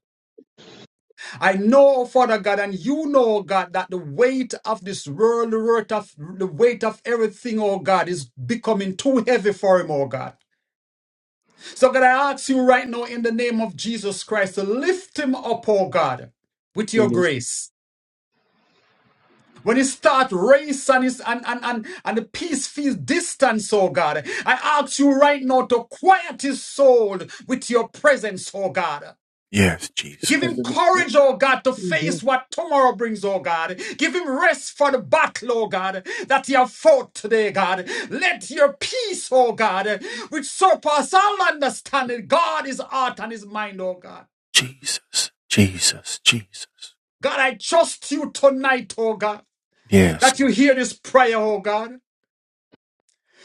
I know, Father God, and you know, oh God, that the weight of this world, the weight of the weight of everything, oh God, is becoming too heavy for him, oh God. So God, I ask you right now in the name of Jesus Christ to lift him up, oh God, with your
And it's-
grace When it start race and, it's, and, and, and, and the peace feels distant, oh God, I ask you right now to quiet his soul with your presence, oh God.
Yes,
Give
and
him
Jesus,
courage, oh God, to
then-
face what tomorrow brings, oh God. Give him rest for the battle, oh God, that he have fought today, God. Let your peace, oh God, which surpass all understanding, God is heart and his mind, oh God.
Jesus, Jesus, Jesus.
God, I trust you tonight, oh God,
Yes,
that you
Lord.
hear this prayer, oh God.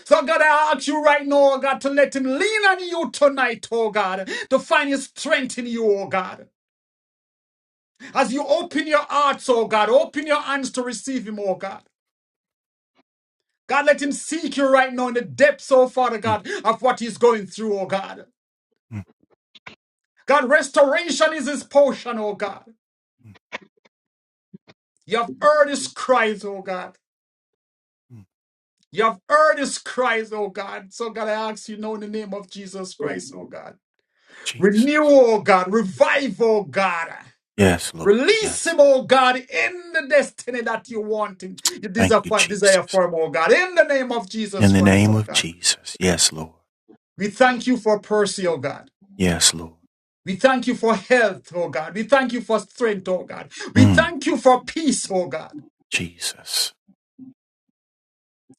So, God, I ask you right now, oh God, to let him lean on you tonight, oh God, to find his strength in you, oh God. As you open your hearts, oh God, open your hands to receive him, oh God. God, let him seek you right now in the depths, oh Father
Mm,
God, of what he's going through, oh God.
mm,
God, restoration is his portion, oh God.
mm,
You have heard his cries, oh God.
mm.
You have heard his cries, oh God. So, God, I ask you now in the name of Jesus Christ, oh God.
Jesus.
Renew, oh God. Revive, oh God.
Yes, Lord.
Release
Yes.
him, oh God, in the destiny that you want him. You
Lord. Thank
desire
you,
for, desire
Jesus.
for him, oh God, in the name of Jesus
In the
Christ,
name
oh
of
God.
Jesus. Yes, Lord.
We thank you for Percy, oh God.
Yes, Lord.
We thank you for health, oh God. We thank you for strength, oh God. We
Mm,
thank you for peace, oh God.
Jesus.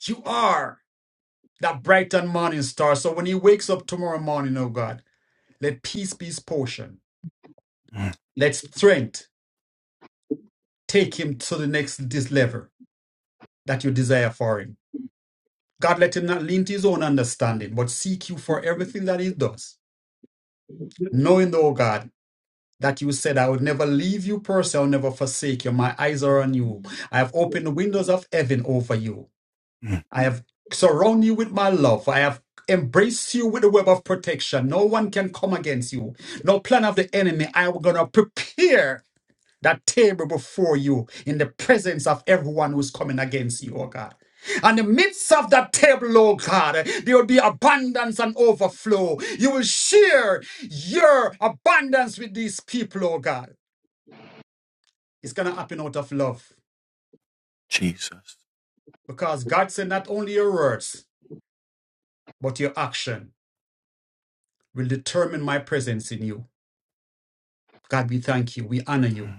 You are that bright and morning star. So when he wakes up tomorrow morning, oh God, let peace be his portion.
Mm,
Let strength take him to the next this level that you desire for him. God, let him not lean to his own understanding, but seek you for everything that he does. Knowing, though, God, that you said, I will never leave you, person, I'll never forsake you. My eyes are on you. I have opened the windows of heaven over you.
mm,
I have surrounded you with my love. I have embraced you with a web of protection. No one can come against you. No plan of the enemy. I am going to prepare that table before you in the presence of everyone who's coming against you, oh God. And in the midst of that table, oh God, there will be abundance and overflow. You will share your abundance with these people, oh God. It's going to happen out of love
Jesus.
because God said not only your words, but your action will determine my presence in you. God, we thank you. We honor you.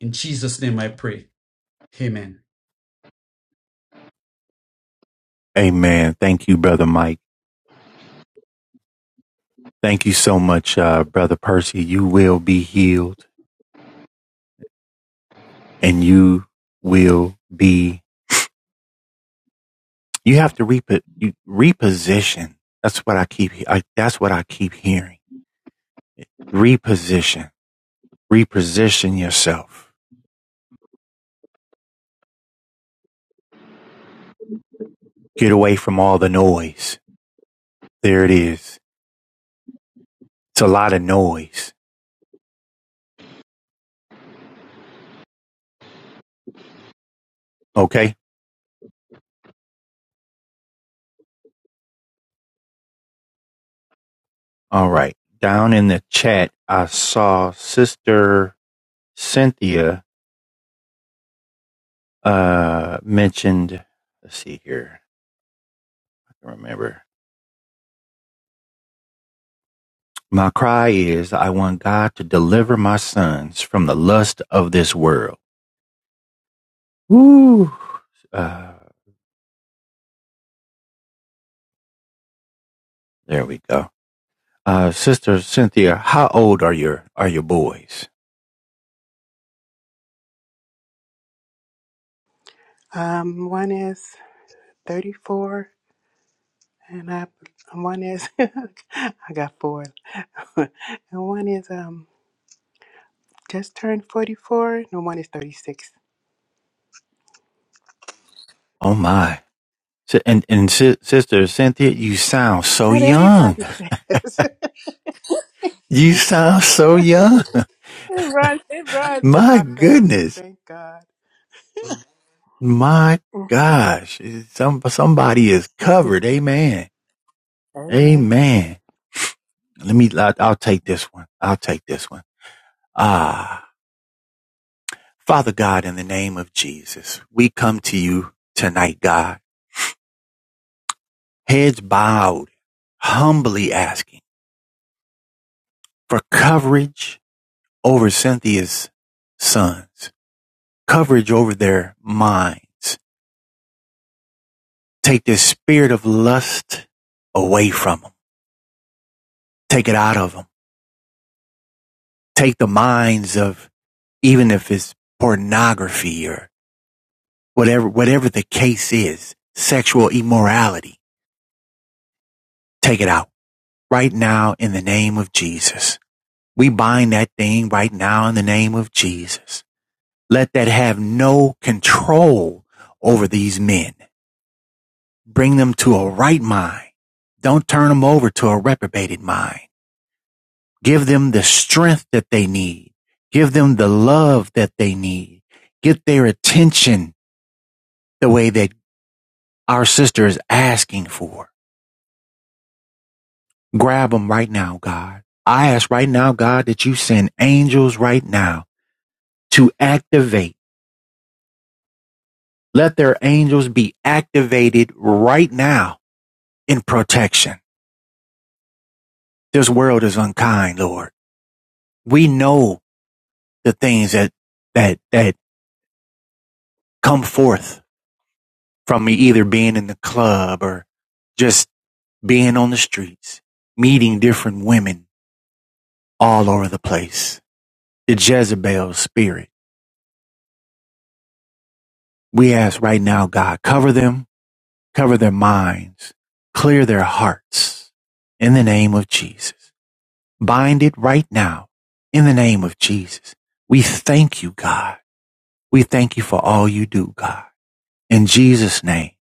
In Jesus' name I pray. Amen.
Amen. Thank you, Brother Mike. Thank you so much, uh, Brother Percy. You will be healed and you will be, you have to repo, you, reposition. That's what I keep, I, that's what I keep hearing. Reposition, reposition yourself. Get away from all the noise. There it is. It's a lot of noise. Okay. All right. Down in the chat, I saw Sister Cynthia uh, mentioned. Let's see here. I can remember. My cry is I want God to deliver my sons from the lust of this world. Uh, there we go. Uh, Sister Cynthia, how old are your are your boys?
Um, one is 34, and I one is I got four, and one is um just turned 44, and one is 36.
Oh my! Si- And and si- Sister Cynthia, you sound so
That
young.
everybody says
You sound so young.
it runs it runs in
My
our family.
goodness.
Thank God.
My gosh, some somebody is covered. Amen.
Amen.
Amen. Let me. I'll take this one. I'll take this one. Ah, Father God, in the name of Jesus, we come to you tonight, God, heads bowed, humbly asking for coverage over Cynthia's sons, coverage over their minds. Take this spirit of lust away from them. Take it out of them take the minds of even if it's pornography or whatever whatever the case is, sexual immorality. Take it out right now in the name of Jesus. We bind that thing right now in the name of Jesus. Let that have no control over these men. Bring them to a right mind. Don't turn them over to a reprobated mind. Give them the strength that they need. Give them the love that they need. Get their attention the way that our sister is asking for. Grab them right now, God. I ask right now, God, that you send angels right now to activate. Let their angels be activated right now in protection. This world is unkind, Lord. We know the things that, that, that come forth from me either being in the club or just being on the streets, meeting different women all over the place. The Jezebel spirit. We ask right now, God, cover them, cover their minds, clear their hearts in the name of Jesus. Bind it right now in the name of Jesus. We thank you, God. We thank you for all you do, God, in Jesus' name.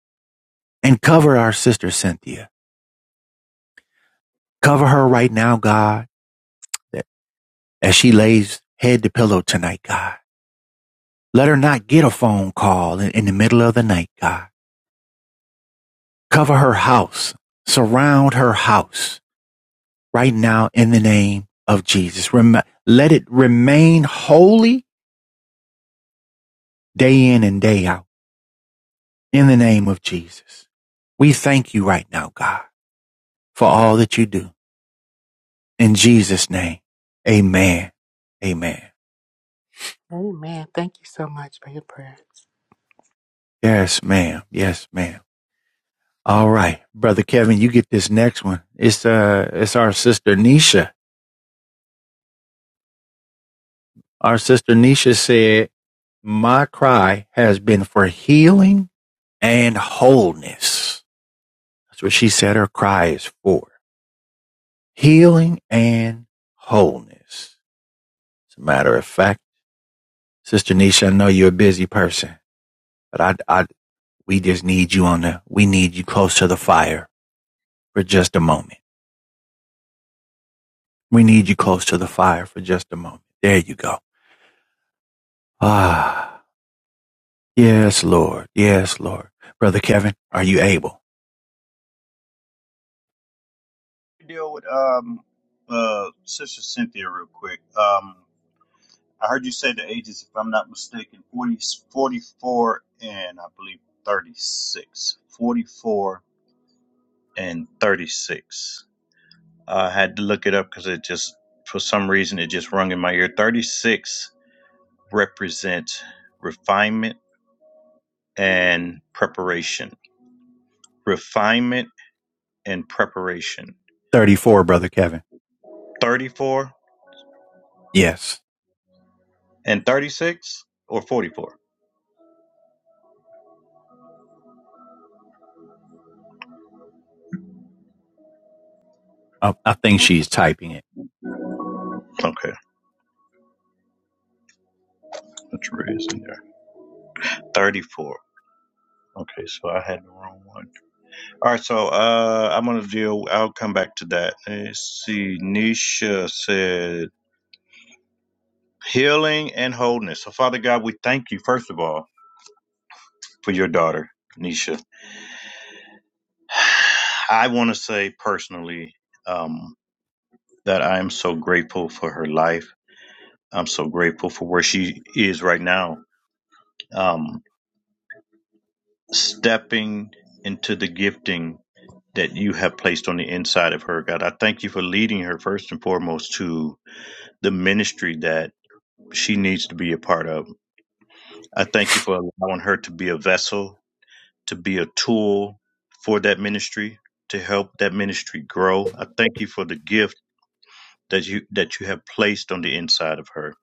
And cover our sister Cynthia. Cover her right now, God, that- as she lays head to pillow tonight, God. Let her not get a phone call in in the middle of the night, God. Cover her house. Surround her house right now in the name of Jesus. Rem- let it remain holy day in and day out in the name of Jesus. We thank you right now, God, for all that you do. In Jesus' name, amen. Amen.
Amen. Thank you so much for your prayer.
Yes, ma'am. Yes, ma'am. All right, brother Kevin, you get this next one. It's uh, it's our sister Nisha. Our sister Nisha said, "My cry has been for healing and wholeness." That's what she said her cry is for healing and wholeness. As a matter of fact, Sister Nisha, I know you're a busy person, but I, I, we just need you on the, we need you close to the fire for just a moment. We need you close to the fire for just a moment. There you go. Ah, yes, Lord. Yes, Lord. Brother Kevin, are you able?
Deal with um uh Sister Cynthia real quick. Um I heard you say the ages, if I'm not mistaken, 40, 44, and I believe 36. 44 and 36. I had to look it up because it just, for some reason, it just rung in my ear. 36 represents refinement and preparation. Refinement and preparation.
34, Brother Kevin.
34
Yes.
and 36 or 44?
I, I think she's typing it.
Okay, let's read this in there. 34. Okay, so I had the wrong one. All right, so uh, I'm gonna deal. I'll come back to that. Let's see. Nisha said healing and wholeness. So, Father God, we thank you first of all for your daughter, Nisha. I want to say personally um, that I am so grateful for her life. I'm so grateful for where she is right now. Um, stepping into the gifting that you have placed on the inside of her, God. I thank you for leading her first and foremost to the ministry that she needs to be a part of. I thank you for allowing her to be a vessel, to be a tool for that ministry, to help that ministry grow. I thank you for the gift that you that you have placed on the inside of her.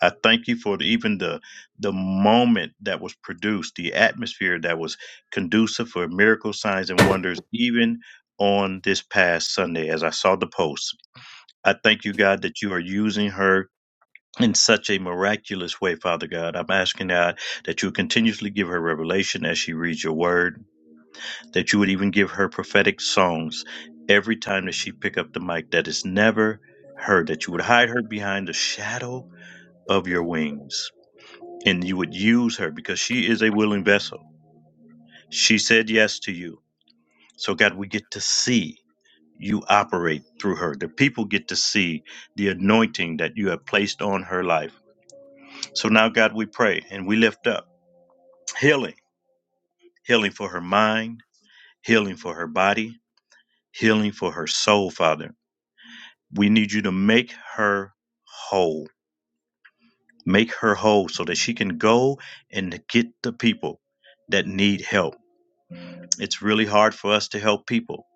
I thank you for the, even the the moment that was produced, the atmosphere that was conducive for miracle signs and wonders, even on this past Sunday as I saw the post. I thank you, God, that you are using her in such a miraculous way, Father God. I'm asking God that you continuously give her revelation as she reads your word, that you would even give her prophetic songs every time that she pick up the mic that is never heard, that you would hide her behind the shadow of your wings and you would use her because she is a willing vessel. She said yes to you. So God, we get to see you operate through her. The people get to see the anointing that you have placed on her life. So now, God, we pray and we lift up. healing, healing for her mind, healing for her body, healing for her soul, Father. We need you to make her whole. Make her whole so that she can go and get the people that need help. It's really hard for us to help people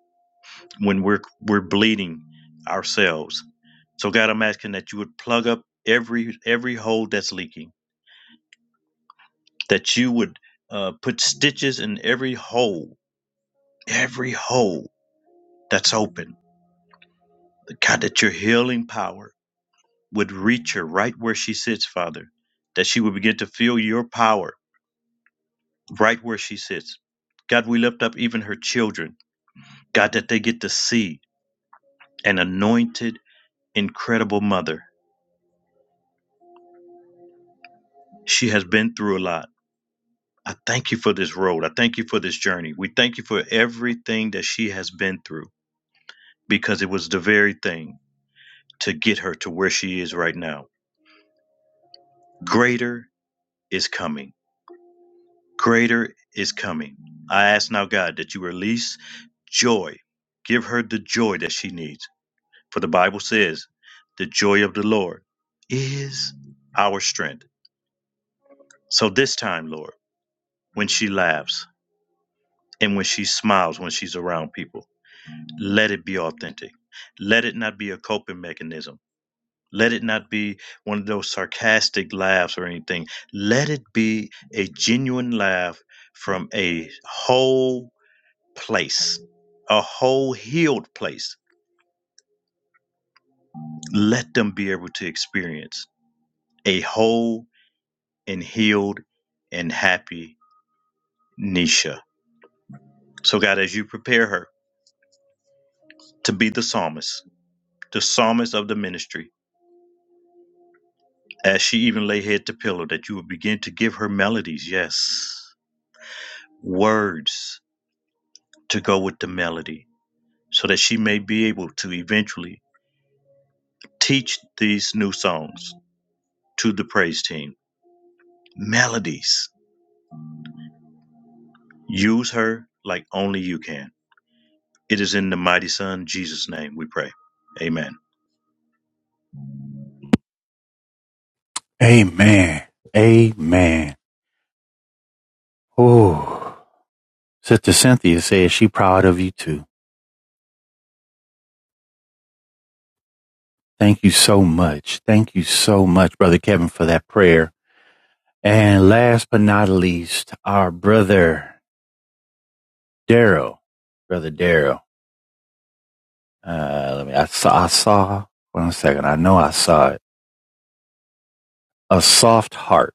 when we're we're bleeding ourselves. So God, I'm asking that you would plug up every every hole that's leaking. That you would uh, put stitches in every hole, every hole that's open God, that your healing power would reach her right where she sits, Father, that she would begin to feel your power right where she sits. God, we lift up even her children. God, that they get to see an anointed, incredible mother. She has been through a lot. I thank you for this road. I thank you for this journey. We thank you for everything that she has been through because it was the very thing to get her to where she is right now. Greater is coming Greater is coming. I ask now, God, that you release joy. Give her the joy that she needs. For the Bible says, the joy of the Lord is our strength. So this time, Lord, when she laughs and when she smiles when she's around people, let it be authentic. Let it not be a coping mechanism. Let it not be one of those sarcastic laughs or anything. Let it be a genuine laugh from a whole place, a whole healed place. Let them be able to experience a whole and healed and happy Nisha. So, God, as you prepare her to be the psalmist, the psalmist of the ministry, as she even lay head to pillow, that you will begin to give her melodies, yes, words to go with the melody, so that she may be able to eventually teach these new songs to the praise team. Melodies Use her like only you can. It is in the mighty Son, Jesus' name, we pray. Amen.
Amen. Amen. Ooh. Sister Cynthia says she proud of you too. Thank you so much. Thank you so much, Brother Kevin, for that prayer. And last but not least, our brother Daryl. Brother Daryl. Uh, let me, I saw, I saw, one second. I know I saw it. A soft heart.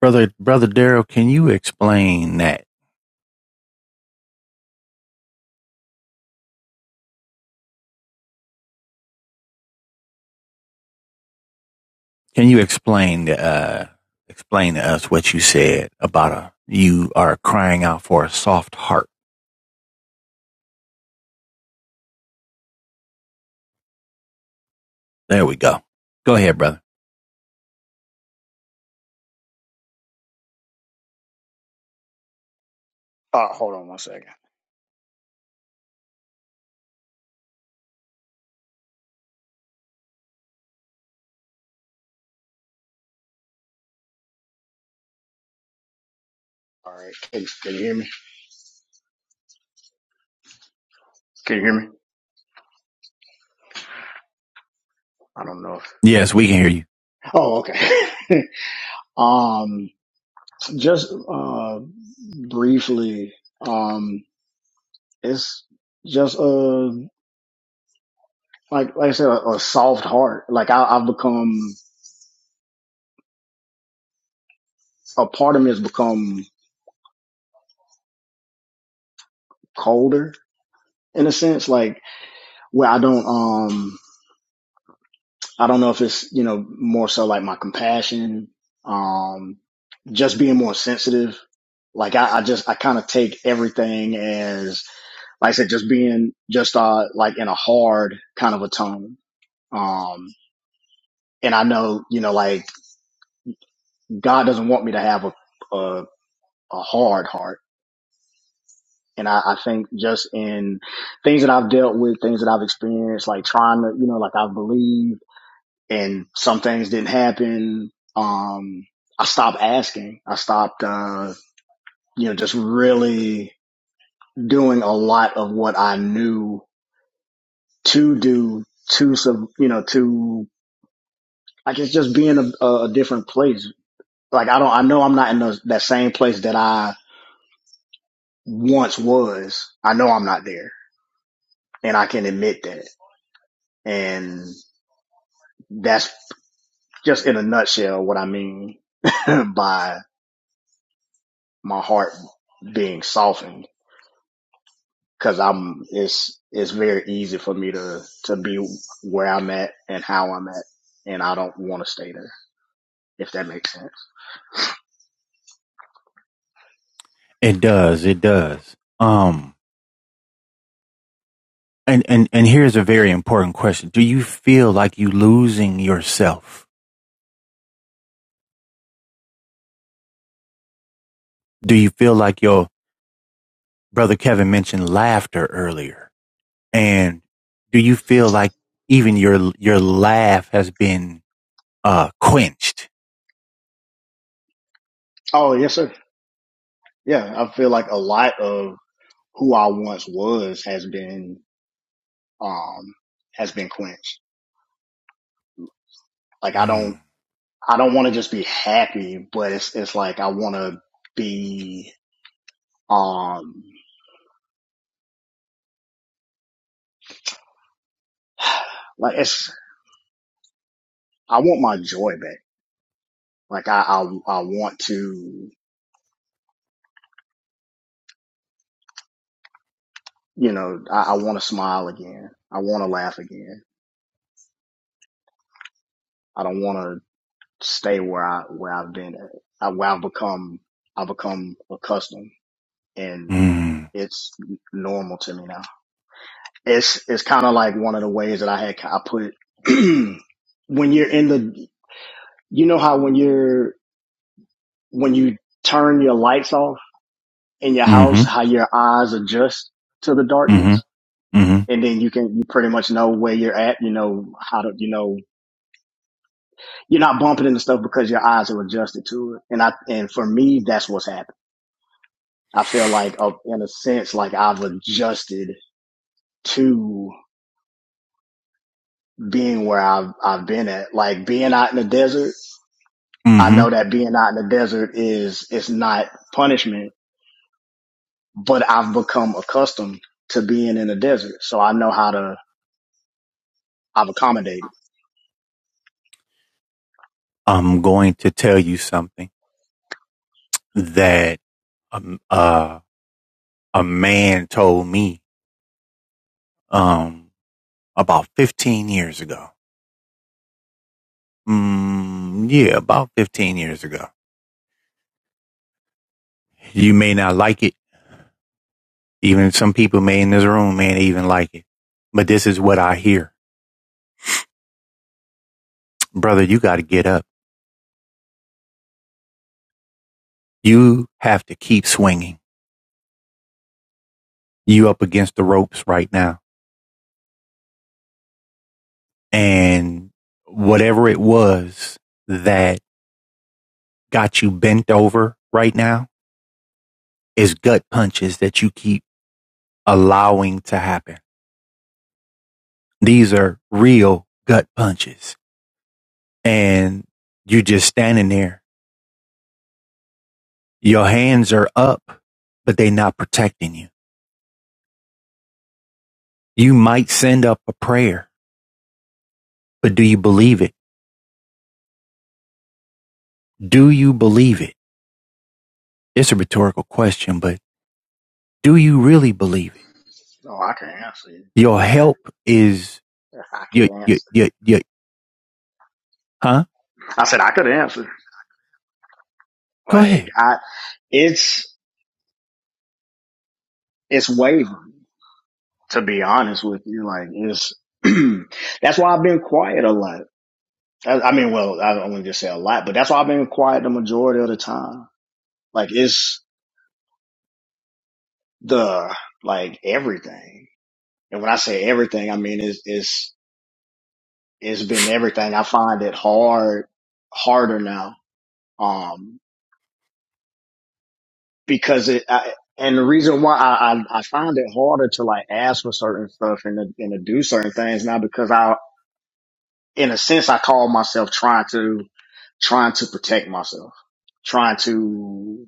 Brother, brother Daryl, can you explain that? Can you explain, uh, explain to us what you said about a, you are crying out for a soft heart? There we go. Go ahead, brother.
Uh, hold on one second. All right. Can, can you hear me? Can you hear me? I don't know. If,
Yes, we can hear you.
oh, okay. um, just uh, briefly. Um, it's just uh, like like I said, a, a soft heart. Like I, I've become a part of me has become colder in a sense. Like where I don't. um. I don't know if it's, you know, more so like my compassion, um, just being more sensitive. Like I, I just, I kind of take everything as, like I said, just being just, uh, like in a hard kind of a tone. Um, and I know, you know, like God doesn't want me to have a, a, a hard heart. And I, I think just in things that I've dealt with, things that I've experienced, like trying to, you know, like I believe. and some things didn't happen. Um, I stopped asking. I stopped, uh, you know, just really doing a lot of what I knew to do to some, you know, to, I guess just being a, a different place. Like I don't, I know I'm not in those, that same place that I once was. I know I'm not there and I can admit that. And that's just in a nutshell what I mean by my heart being softened because I'm it's it's very easy for me to to be where I'm at and how I'm at, and I don't want to stay there. If that makes sense.
It does. It does. Um, and, and, and here's a very important question. Do you feel like you losing yourself? Do you feel like your brother Kevin mentioned laughter earlier? And do you feel like even your, your laugh has been, uh, quenched?
Oh yes, sir. Yeah, I feel like a lot of who I once was has been um has been quenched. Like I don't
Mm,
I don't want to just be happy, but it's it's like I want to be um like it's I want my joy back. Like I I, I want to you know I, I want to smile again. I want to laugh again. I don't want to stay where I where I've been at, uh, where I've become I've become accustomed and
mm,
it's normal to me now. It's it's kind of like one of the ways that I had I put it when you're in the you know how when you're when you turn your lights off in your
mm-hmm,
house how your eyes adjust to the
mm-hmm,
darkness
mm-hmm,
and then you can you pretty much know where you're at you know how to you know you're not bumping into stuff because your eyes are adjusted to it and I and for me that's what's happened I feel like, uh, in a sense, like I've adjusted to being where I've I've been at. Like being out in the desert, I
mm-hmm.
know that being out in the desert is it's not punishment, but I've become accustomed to being in the desert, so I know how to I've accommodated.
I'm going to tell you something that, um, uh, a man told me, um, about 15 years ago. Mm, yeah, about 15 years ago. You may not like it. Even some people may in this room may not even like it. But this is what I hear. Brother, you got to get up. You have to keep swinging. You up against the ropes right now. And whatever it was that got you bent over right now is gut punches that you keep allowing to happen. These are real gut punches and you just standing there. Your hands are up, but they are not protecting you. You might send up a prayer, but do you believe it? Do you believe it? It's a rhetorical question, but do you really believe it?
Oh, I can answer. you.
Your help is
I could
your your
answer.
your, your huh?
I said I could answer.
Go
Like
ahead.
I, it's it's wavering. To be honest with you, like it's that's why I've been quiet a lot I, I mean, well, I don't want to just say a lot, but that's why I've been quiet the majority of the time. Like it's the like everything, and when I say everything, I mean it's it's it's been everything. I find it hard harder now, um, because it. I, and the reason why I, I I find it harder to like ask for certain stuff and to, and to do certain things now because I, in a sense, I call myself trying to trying to protect myself, trying to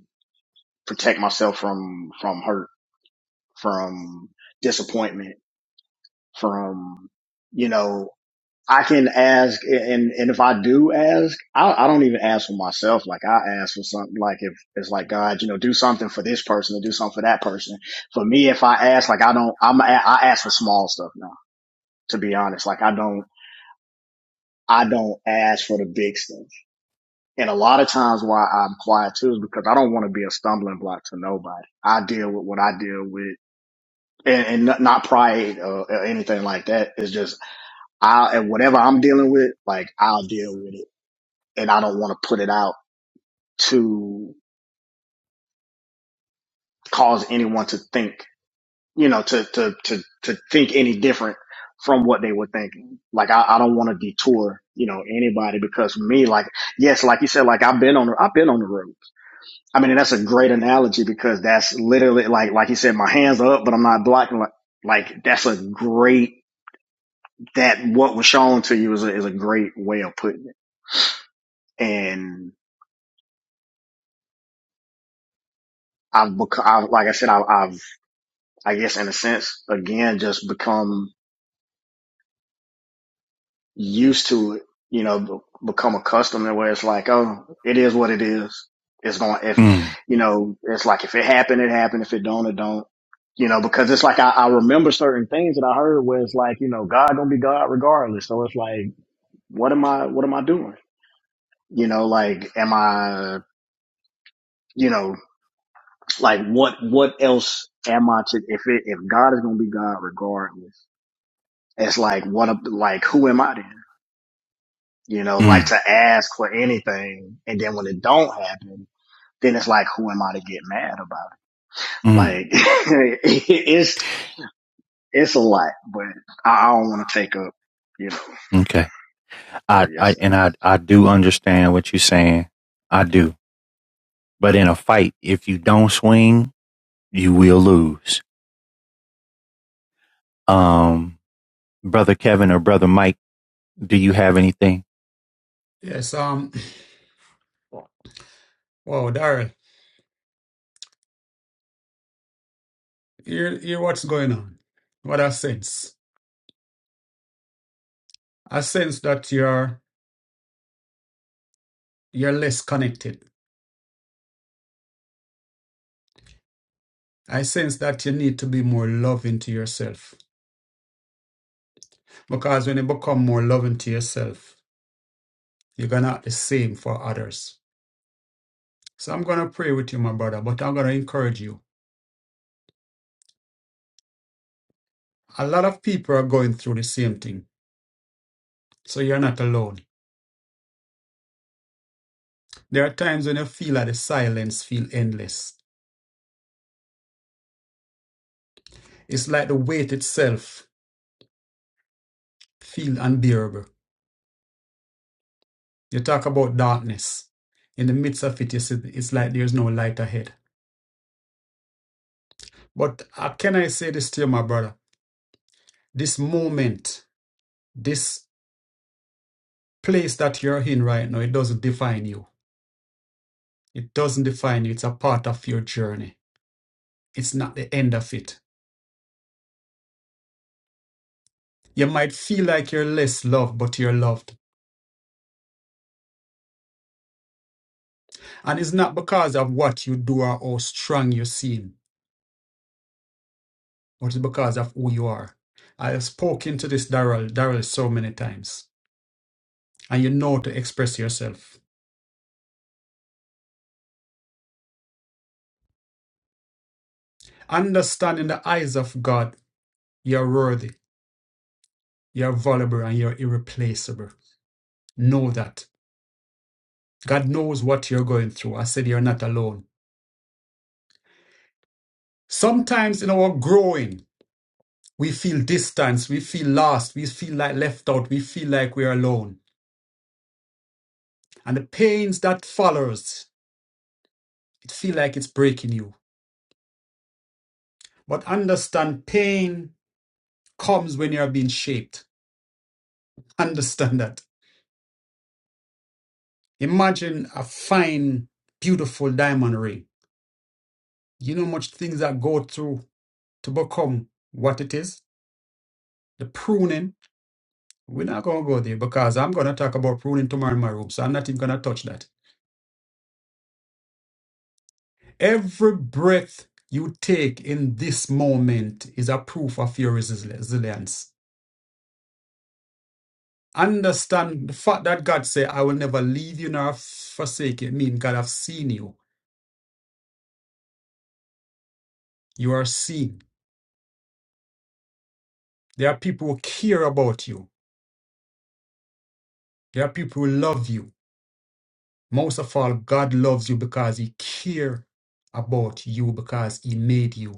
protect myself from from hurt from disappointment, from, you know, I can ask and, and if I do ask, I, I don't even ask for myself. Like I ask for something like if it's like, God, you know, do something for this person or do something for that person. For me, if I ask, like I don't, I'm, a- i am I ask for small stuff now, to be honest. Like I don't, I don't ask for the big stuff. And a lot of times why I'm quiet too is because I don't want to be a stumbling block to nobody. I deal with what I deal with and, and not pride or, or anything like that. It's just I and whatever I'm dealing with, like I'll deal with it, and I don't want to put it out to cause anyone to think, you know, to to to to think any different from what they were thinking. Like I, I don't want to detour, you know, anybody because me, like yes, like you said, like I've been on the I've been on the road. I mean, and that's a great analogy because that's literally like like you said, my hands are up, but I'm not blocking. Like like that's a great that what was shown to you is a, is a great way of putting it. And I've become, I've, like I said, I've, I've, I guess in a sense, again, just become used to it, you know, be- become accustomed to where it's like, oh, it is what it is. It's going, if,
Mm,
you know, it's like, if it happened, it happened. If it don't, it don't, you know, because it's like, I, I remember certain things that I heard where it's like, you know, God gonna be God regardless. So it's like, what am I, what am I doing? You know, like, am I, you know, Like what what else am I to if it if God is gonna be God regardless, it's like what a- like who am I then? You know, like
mm,
to ask for anything and then when it don't happen, then it's like who am I to get mad about it?
mm.
Like it's it's a lot, but I, I don't wanna take up, you know,
Okay.
but
I,
yes
I
sir.
and I I do understand what you're saying. I do. But in a fight, if you don't swing, you will lose. Um Brother Kevin or Brother Mike, do you have anything?
yes, um, wow, Daryl, hear, hear what's going on. What I sense, I sense that you're you're less connected. I sense that you need to be more loving to yourself because when you become more loving to yourself, you're gonna act the same for others. So I'm gonna pray with you, my brother, but I'm gonna encourage you. a lot of people are going through the same thing. So you're not alone. There are times when you feel that the silence feel endless. It's like the weight itself feel unbearable. You talk about darkness. In the midst of it, you see it's like there's no light ahead. But uh, can I say this to you, my brother? This moment, this place that you're in right now, it doesn't define you. It doesn't define you. It's a part of your journey. It's not the end of it. You might feel like you're less loved, but you're loved. And it's not because of what you do or how strong you seem, but it's because of who you are. I have spoken to this Daryl, Daryl so many times, and you know to express yourself. Understand in the eyes of God, you're worthy, you're valuable, and you're irreplaceable. Know that. God knows what you're going through. I said you're not alone. Sometimes in our growing, we feel distance, we feel lost, we feel like left out, we feel like we're alone. And the pains that follows It feel like it's breaking you. But understand pain comes when you are being shaped. Understand that. Imagine a fine, beautiful diamond ring. You know much things that go through to become what it is. The pruning. We're not gonna go there because I'm gonna talk about pruning tomorrow in my room, so I'm not even gonna touch that. Every breath you take in this moment is a proof of your resili- resilience. Understand the fact that God said, I will never leave you nor forsake you. It means God have seen you. You are seen. There are people who care about you. There are people who love you. Most of all, God loves you because He care about you because He made you.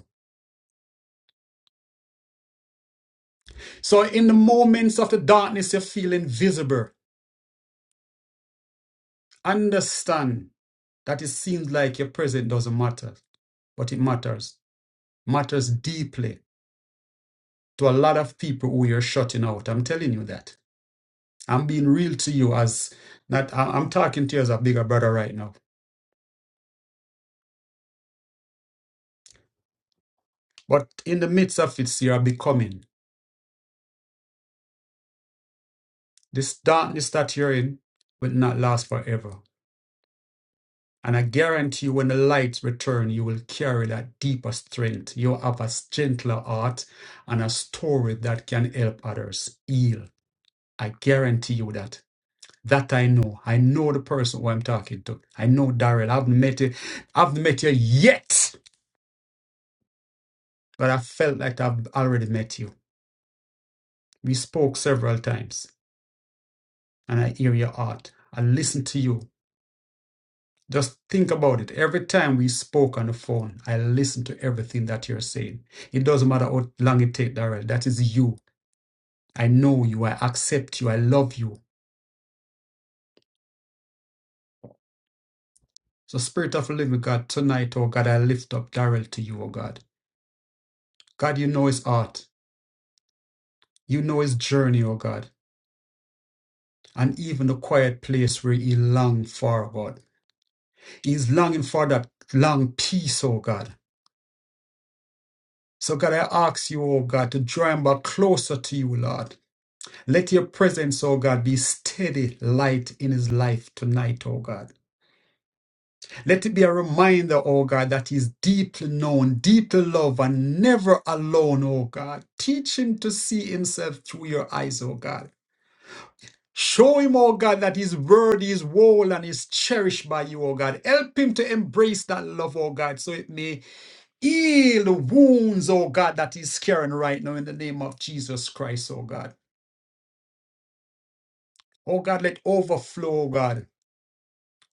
So in the moments of the darkness you feel invisible, understand that it seems like your present doesn't matter, but it matters. Matters deeply to a lot of people who you're shutting out. I'm telling you that. I'm being real to you as not I- I'm talking to you as a bigger brother right now. But in the midst of it, you are becoming. This darkness that you're in will not last forever. And I guarantee you, when the lights return, you will carry that deeper strength. You'll have a gentler heart and a story that can help others heal. I guarantee you that. That I know. I know the person who I'm talking to. I know Daryl. I haven't met you. I haven't met you yet, but I felt like I've already met you. We spoke several times, and I hear your heart. I listen to you. Just think about it. Every time we spoke on the phone, I listened to everything that you're saying. It doesn't matter how long it takes, Darrell. That is you. I know you. I accept you. I love you. So, Spirit of the Living God, tonight, oh God, I lift up Darrell to you, oh God. God, you know his heart. You know his journey, oh God. And even the quiet place where he longed for, God. He's longing for that long peace, oh God. So, God, I ask you, oh God, to draw him back closer to you, Lord. Let your presence, oh God, be steady light in his life tonight, oh God. Let it be a reminder, oh God, that he's deeply known, deeply loved, and never alone, oh God. Teach him to see himself through your eyes, oh God. Show him, oh God, that his word is whole and is cherished by you, oh God. Help him to embrace that love, oh God, so it may Heal the wounds, oh God, that he's carrying right now in the name of Jesus Christ, oh God. Oh God, let overflow, oh God,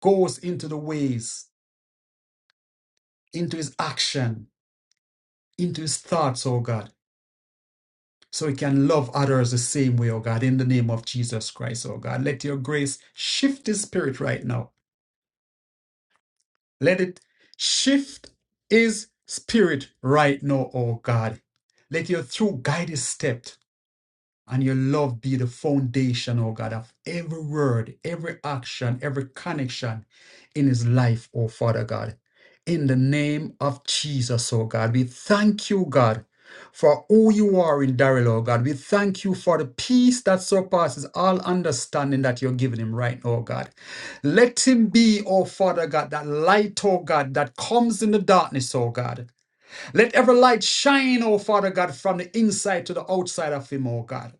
goes into the ways, into his action, into his thoughts, oh God, so he can love others the same way, oh God, in the name of Jesus Christ, oh God. Let your grace shift his spirit right now. Let it shift his spirit right now, oh God. Let your truth guide his step. And your love be the foundation, oh God, of every word, every action, every connection in his life, oh Father God. In the name of Jesus, oh God, we thank you, God, for who you are in Daryl, oh God. We thank you for the peace that surpasses all understanding that you're giving him right now, oh God. Let him be, oh Father God, that light, oh God, that comes in the darkness, oh God. Let every light shine, oh Father God, from the inside to the outside of him, oh God.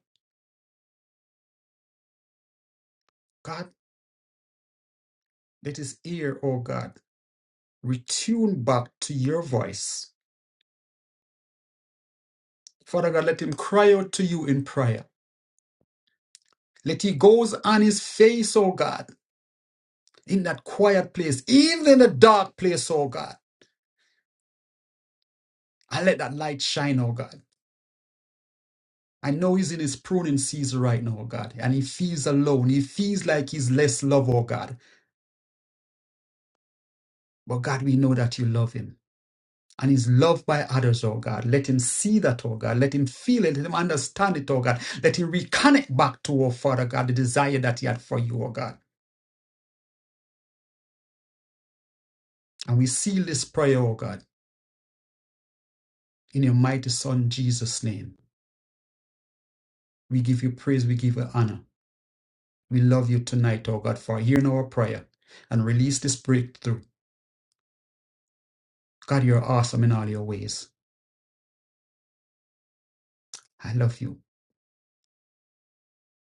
God, let his ear, oh God, retune back to your voice. Father God, let him cry out to you in prayer. Let he goes on his face, oh God, in that quiet place, even in the dark place, oh God. And let that light shine, oh God. I know he's in his pruning season right now, oh God, and he feels alone. He feels like he's less loved, oh God. But God, we know that you love him. and is loved by others, oh God. Let him see that, oh God. Let him feel it. Let him understand it, oh God. Let him reconnect back to, oh Father God, the desire that he had for you, oh God. And we seal this prayer, oh God, in your mighty Son, Jesus' name. We give you praise. We give you honor. We love you tonight, oh God, for hearing our prayer and release this breakthrough. God, you're awesome in all your ways. I love you.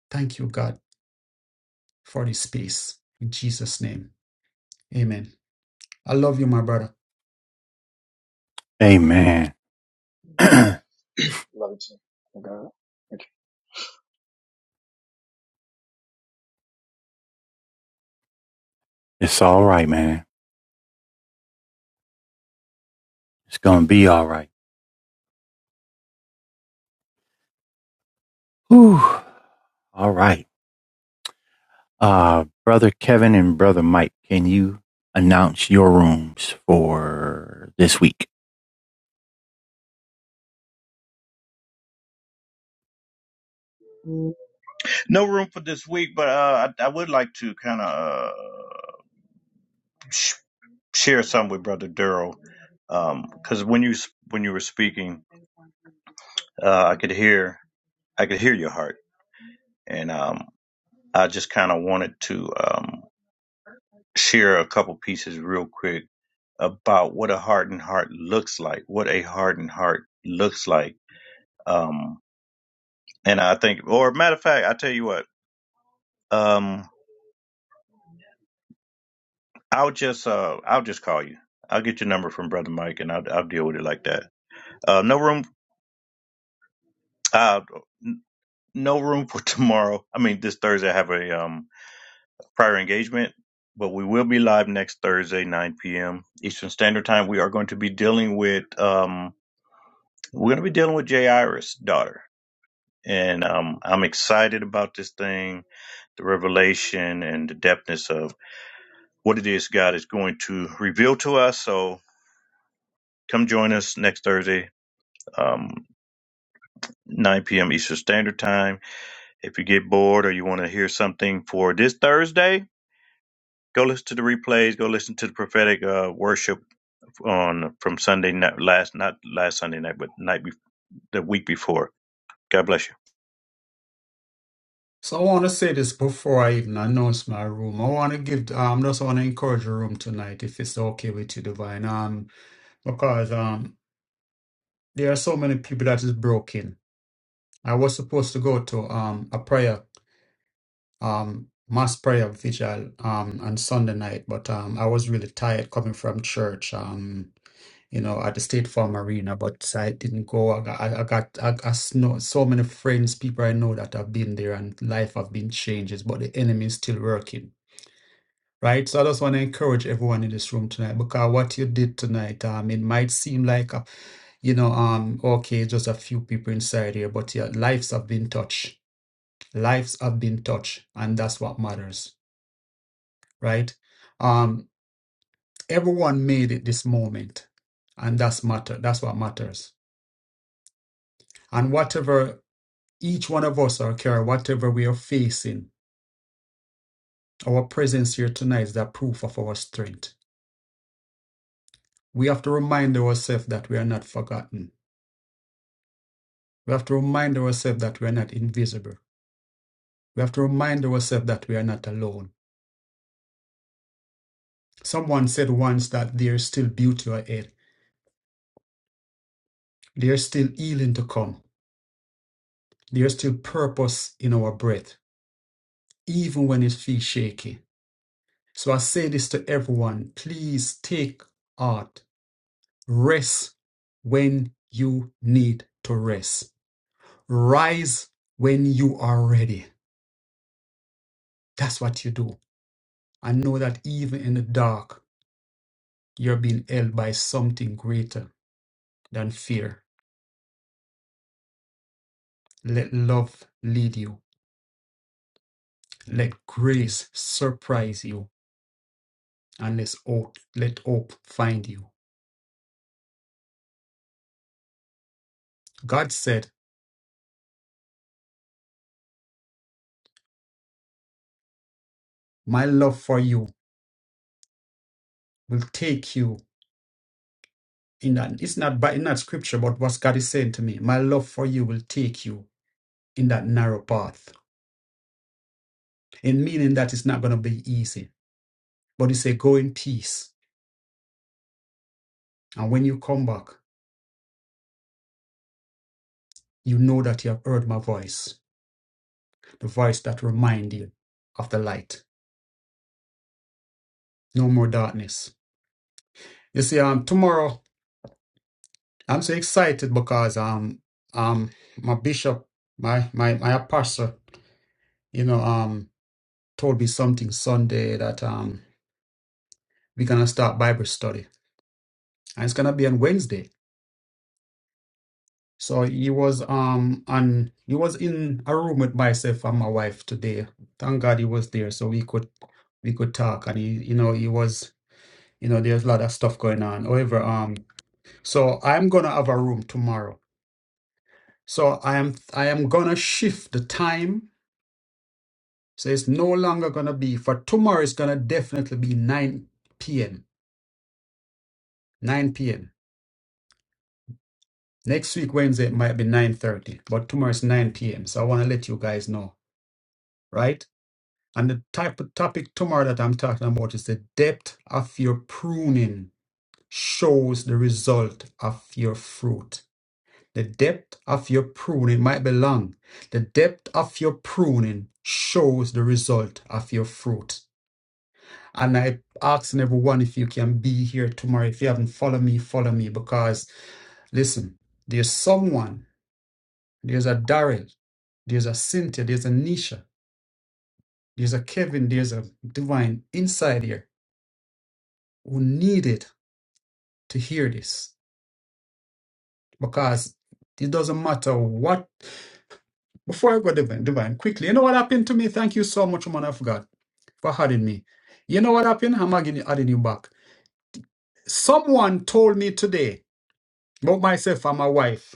Thank you, God, for this space. In Jesus' name, amen. I love you, my brother.
Hey, man. it's
Love you too. Oh, God. Thank you.
all right, man. It's going to be all right. Whew. All right. Uh, Brother Kevin and Brother Mike, can you announce your rooms for this week?
No room for this week, but uh, I, I would like to kind of uh, sh- share some with Brother Durrell, because when you s- when you were speaking, uh, I could hear I could hear your heart, and um, I just kind of wanted to um, share a couple pieces real quick about what a hardened heart looks like, what a hardened heart looks like. Um, and I think, or matter of fact, I tell you what, um, I'll just, uh, I'll just call you. I'll get your number from Brother Mike, and I'll, I'll deal with it like that. Uh, no room, uh, n- no room for tomorrow. I mean, this Thursday I have a um prior engagement, but we will be live next Thursday, 9 p.m. Eastern Standard Time. We are going to be dealing with, um, we're going to be dealing with Jay Iris' daughter, and um, I'm excited about this thing the revelation and the depthness of what it is God is going to reveal to us. So come join us next Thursday, um, 9 p.m. Eastern Standard Time. If you get bored or you want to hear something for this Thursday, go listen to the replays. Go listen to the prophetic uh, worship on from Sunday night, last not last Sunday night, but night be- the week before. God bless you.
So I want to say this before I even announce my room. I want to give, um, just want to encourage the room tonight, if it's okay with you, Divine. Um, because um, there are so many people that is broken. I was supposed to go to um a prayer um, mass prayer vigil um, on Sunday night, but um, I was really tired coming from church. Um, you know, at the State Farm Arena, but I didn't go. I got, I I got, I, I know so many friends, people I know that have been there, and life have been changes, but the enemy is still working, right? So I just want to encourage everyone in this room tonight because what you did tonight, um, it might seem like, a, you know, um, okay, just a few people inside here, but yeah, lives have been touched. Lives have been touched, and that's what matters right? Um, everyone made it this moment, and that's matter. That's what matters. And whatever each one of us are carrying, whatever we are facing, our presence here tonight is that proof of our strength. We have to remind ourselves that we are not forgotten. We have to remind ourselves that we are not invisible. We have to remind ourselves that we are not alone. Someone said once that there is still beauty ahead. There is still healing to come. There is still purpose in our breath, even when it feels shaky So I say this to everyone please take heart, rest when you need to rest, rise when you are ready. That's what you do. I know that even in the dark, you're being held by something greater than fear. Let love lead you, let grace surprise you, and let hope, let hope find you. God said, My love for you will take you in that it's not by not scripture, but what God is saying to me. My love for you will take you in that narrow path. And meaning that it's not gonna be easy. But he said, Go in peace. And when you come back, you know that you have heard my voice, the voice that remind you of the light. No more darkness. You see, um tomorrow I'm so excited because um um my bishop, my my my pastor, you know, um told me something Sunday that um we're gonna start Bible study and it's gonna be on Wednesday. So he was um on he was in a room with myself and my wife today. Thank God he was there so we could we could talk and he you know he was you know there's a lot of stuff going on. However, um so I'm gonna have a room tomorrow. So I am I am gonna shift the time. So it's no longer gonna be for tomorrow it's gonna definitely be nine PM. Nine PM. Next week Wednesday it might be nine thirty, but tomorrow it's nine PM. So I wanna let you guys know, right? And the type of topic tomorrow that I'm talking about is the depth of your pruning shows the result of your fruit. The depth of your pruning might be long. The depth of your pruning shows the result of your fruit. And I ask everyone if you can be here tomorrow. If you haven't followed me, follow me because listen, there's someone, there's a Daryl, there's a Cynthia, there's a Nisha, there's a Kevin, there's a divine inside here who needed to hear this because it doesn't matter what. Before I go, Divine, Divine, quickly, you know what happened to me? Thank you so much, man of God, for having me. You know what happened? I'm adding adding you back. Someone told me today, both myself and my wife,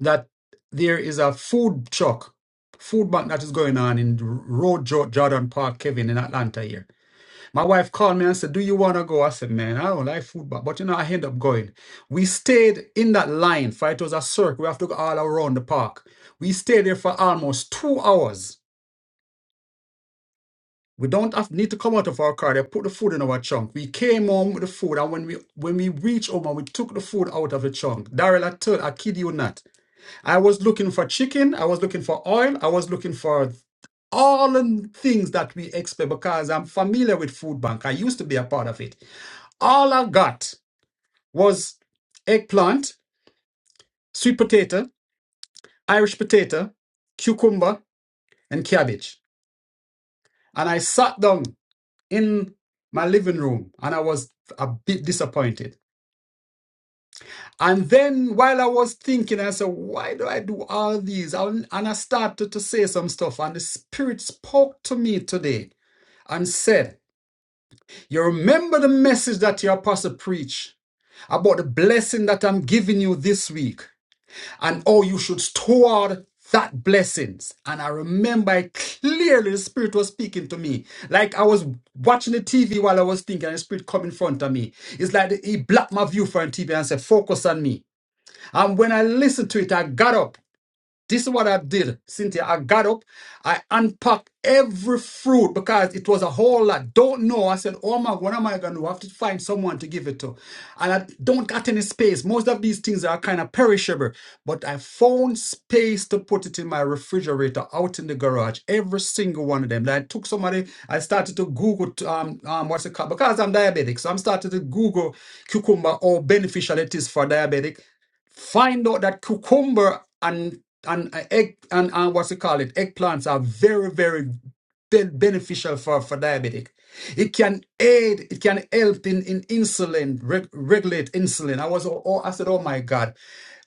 that there is a food truck, food bank that is going on in Road Jo- Jordan Park, Kevin, in Atlanta here My wife called me and said, Do you want to go? I said, Man, I don't like football. But you know, I end up going. We stayed in that line for it was a circle. We have to go all around the park. We stayed there for almost two hours. We don't have, need to come out of our car. They put the food in our trunk. We came home with the food, and when we when we reached home and we took the food out of the trunk, Daryl, I told, I kid you not, I was looking for chicken, I was looking for oil, I was looking for all the things that we expect because I'm familiar with food bank. I used to be a part of it. All I got was eggplant, sweet potato, Irish potato, cucumber, and cabbage. And I sat down in my living room and I was a bit disappointed. And then while I was thinking, I said, Why do I do all these? And I started to say some stuff. And the Spirit spoke to me today and said, You remember the message that your apostle preached about the blessing that I'm giving you this week. and oh, you should store that blessings. And I remember it clearly the Spirit was speaking to me. Like I was watching the TV while I was thinking, and the Spirit come in front of me. It's like he blocked my view from TV and said, focus on me. And when I listened to it, I got up this is what I did, Cynthia. I got up, I unpacked every fruit because it was a whole lot. Don't know. I said, Oh my, what am I going to do? I have to find someone to give it to. And I don't got any space. Most of these things are kind of perishable, but I found space to put it in my refrigerator out in the garage, every single one of them. Then I took somebody, I started to Google, um, um, what's it called? Because I'm diabetic. So I'm starting to Google cucumber, how beneficial it is for diabetic find out that cucumber and and uh, egg and, and what's it called it eggplants are very very ben- beneficial for, for diabetic. It can aid, it can help in, in insulin, reg- regulate insulin. I was, oh, oh, I said, oh my God.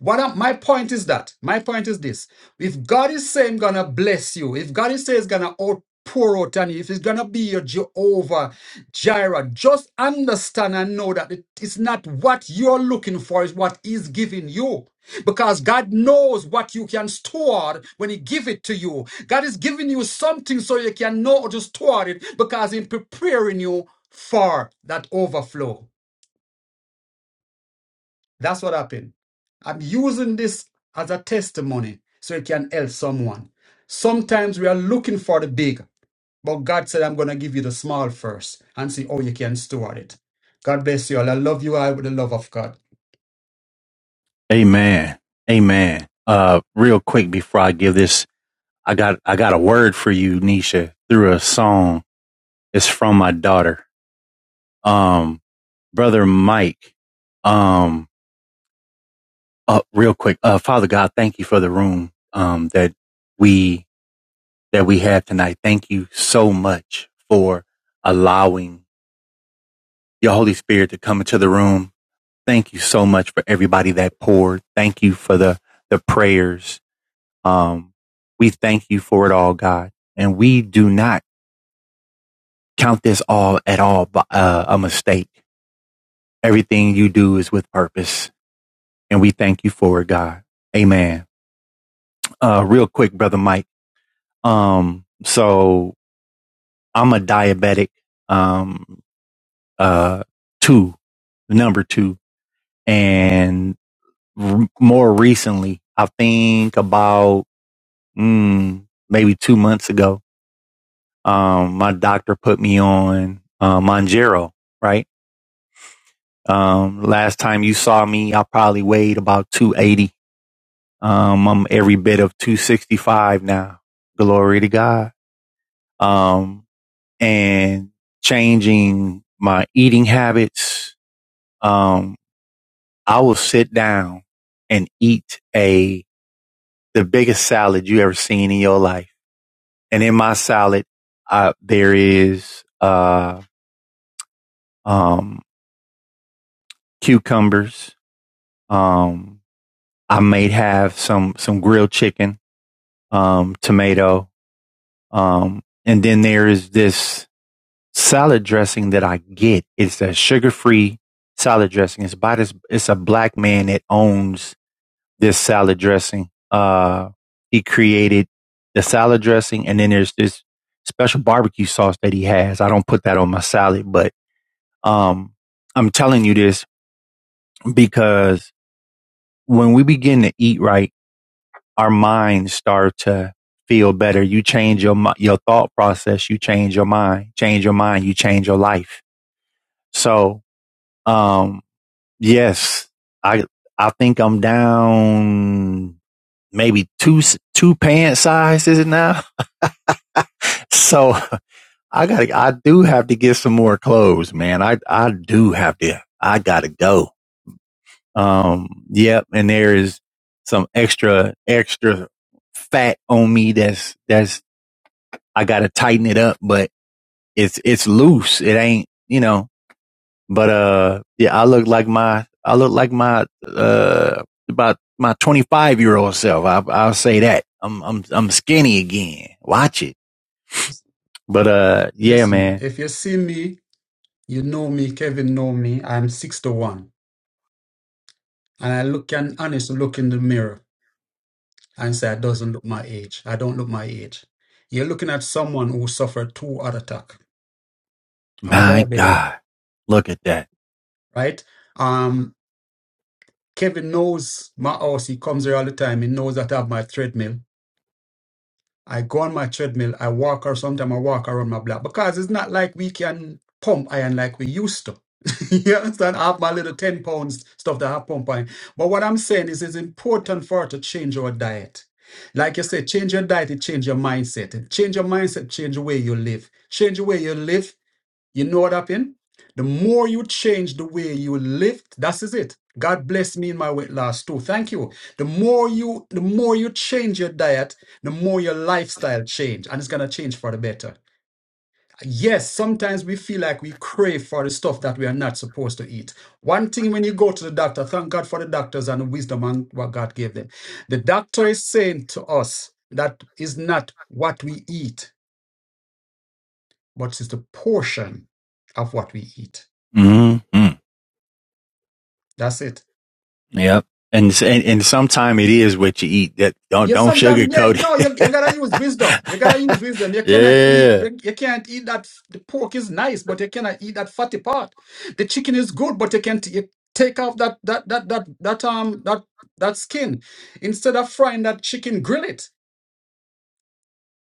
What am, my point is that, my point is this. If God is saying gonna bless you, if God is saying he's gonna out pour out on you, if it's gonna be your Jehovah Jireh, just understand and know that it is not what you're looking for, is what he's giving you because God knows what you can store when He give it to you. God is giving you something so you can know how to store it because He's preparing you for that overflow. That's what happened. I'm using this as a testimony so it can help someone. Sometimes we are looking for the big, but God said, I'm going to give you the small first and see how you can store it. God bless you all. I love you all with the love of God.
Amen. Amen. Uh, real quick before I give this, I got, I got a word for you, Nisha, through a song. It's from my daughter. Um, Brother Mike, um, Uh, real quick, uh, Father God, thank you for the room um, that we that we have tonight. Thank you so much for allowing your Holy Spirit to come into the room. Thank you so much for everybody that poured. Thank you for the the prayers. Um, we thank you for it all, God, and we do not count this all at all uh, a mistake. Everything you do is with purpose, and we thank you for it, God. Amen. Uh, real quick, brother Mike. Um, so I'm a diabetic, um, uh, two, number two. And r- more recently, I think about, mm, maybe two months ago, um, my doctor put me on, uh, Monjero, right? Um, last time you saw me, I probably weighed about 280. Um, I'm every bit of 265 now. Glory to God. Um. and changing my eating habits. Um, I will sit down and eat a the biggest salad you ever seen in your life. And in my salad, uh, there is uh, um, cucumbers. Um, I may have some some grilled chicken, um, tomato, um, and then there is this salad dressing that I get is that sugar free salad dressing. It's by this, it's a black man that owns this salad dressing. Uh, he created the salad dressing and then there's this special barbecue sauce that he has. I don't put that on my salad, but, um, I'm telling you this because when we begin to eat right, our minds start to feel better. You change your, your thought process. You change your mind, change your mind. You change your life. So, um, Yes, I I think I'm down maybe two s- two pant sizes now. So I got I do have to get some more clothes, man. I I do have to. I got to go. Um, yep. And there is some extra extra fat on me. That's that's I got to tighten it up, but it's it's loose. It ain't you know. But uh, yeah, I look like my I look like my uh about my 25 year old self. I, I'll say that I'm I'm I'm skinny again. Watch it. But uh, yeah,
Listen,
man,
if you see me You know me, Kevin know me. I'm six to one, And I look can honestly look in the mirror and say I doesn't look my age. I don't look my age. You're looking at someone who suffered two heart attack. I'm a
my
diabetic,
God, look at that.
right? Um, Kevin knows my house. He comes here all the time. He knows that I have my treadmill. I go on my treadmill, I walk, or sometimes I walk around my block because it's not like we can pump iron like we used to. you understand? I have my little 10 pounds stuff that I pump iron. But what I'm saying is it's important for us to change our diet. Like you said, change your diet, it change your mindset. Change your mindset, change the way you live. Change the way you live. You know what happened? The more you change the way you live, that is it. God bless me in my weight loss too. Thank you. The more you the more you change your diet, the more your lifestyle change and it's gonna change for the better. Yes, sometimes we feel like we crave for the stuff that we are not supposed to eat. One thing when you go to the doctor, thank God for the doctors and the wisdom and what God gave them. The doctor is saying to us that is not what we eat, but it's the portion of what we eat.
Mm-hmm.
That's it.
Yep. And, and and sometime it is what you eat. That don't
You
don't
sometimes yeah
sugarcoat it.
no you, you gotta use wisdom. You gotta use wisdom. You cannot eat you, you can't eat that the pork is nice, but you cannot eat that fatty part. The chicken is good, but you can't you take off that that that that that um that that skin. Instead of frying that chicken, grill it.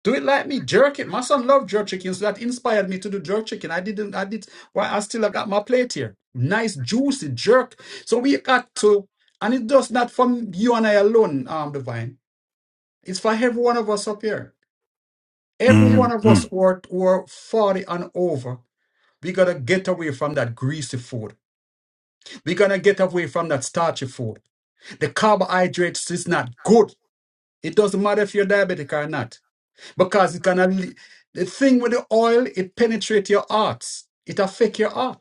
Do it like me, jerk it. My son loved jerk chicken, so that inspired me to do jerk chicken. I didn't I did why I still have got my plate here. Nice juicy jerk. So we got to and it does not from you and I alone, um divine. It's for every one of us up here.
yeah.
Every one of
Mm-hmm.
us were, were 40 and over. We gotta get away from that greasy food. We gonna get away from that starchy food. The carbohydrates is not good. It doesn't matter if you're diabetic or not, because it gonna the thing with the oil, it penetrates your hearts. It affect your heart.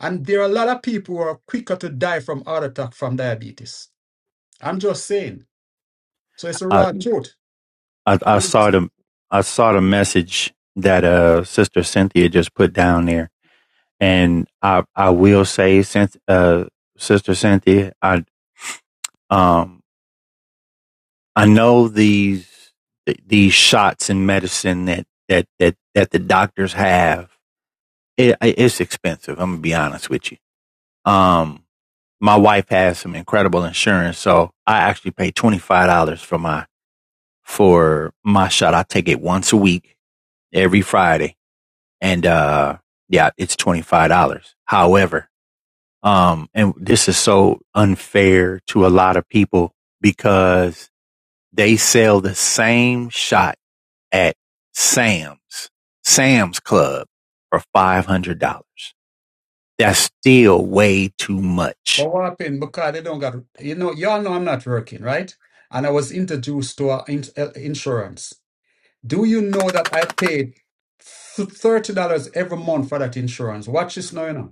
And there are a lot of people who are quicker to die from heart attack from diabetes. I'm just saying. So it's a
I,
raw truth.
I I saw the I saw the message that uh Sister Cynthia just put down there And I I will say, since uh, Sister Cynthia, I um I know these these shots in medicine that that that that the doctors have. It, it's expensive. I'm gonna be honest with you. Um, my wife has some incredible insurance, so I actually pay twenty five dollars for my for my shot. I take it once a week, every Friday, and uh, yeah, it's twenty five dollars. However, Um, and this is so unfair to a lot of people because they sell the same shot at Sam's, Sam's Club for $500. That's still way too much.
But what happened? Because they don't got, you know, y'all know I'm not working, right? And I was introduced to uh, in, uh, insurance. Do you know that I paid $30 every month for that insurance? Watch this now, you know.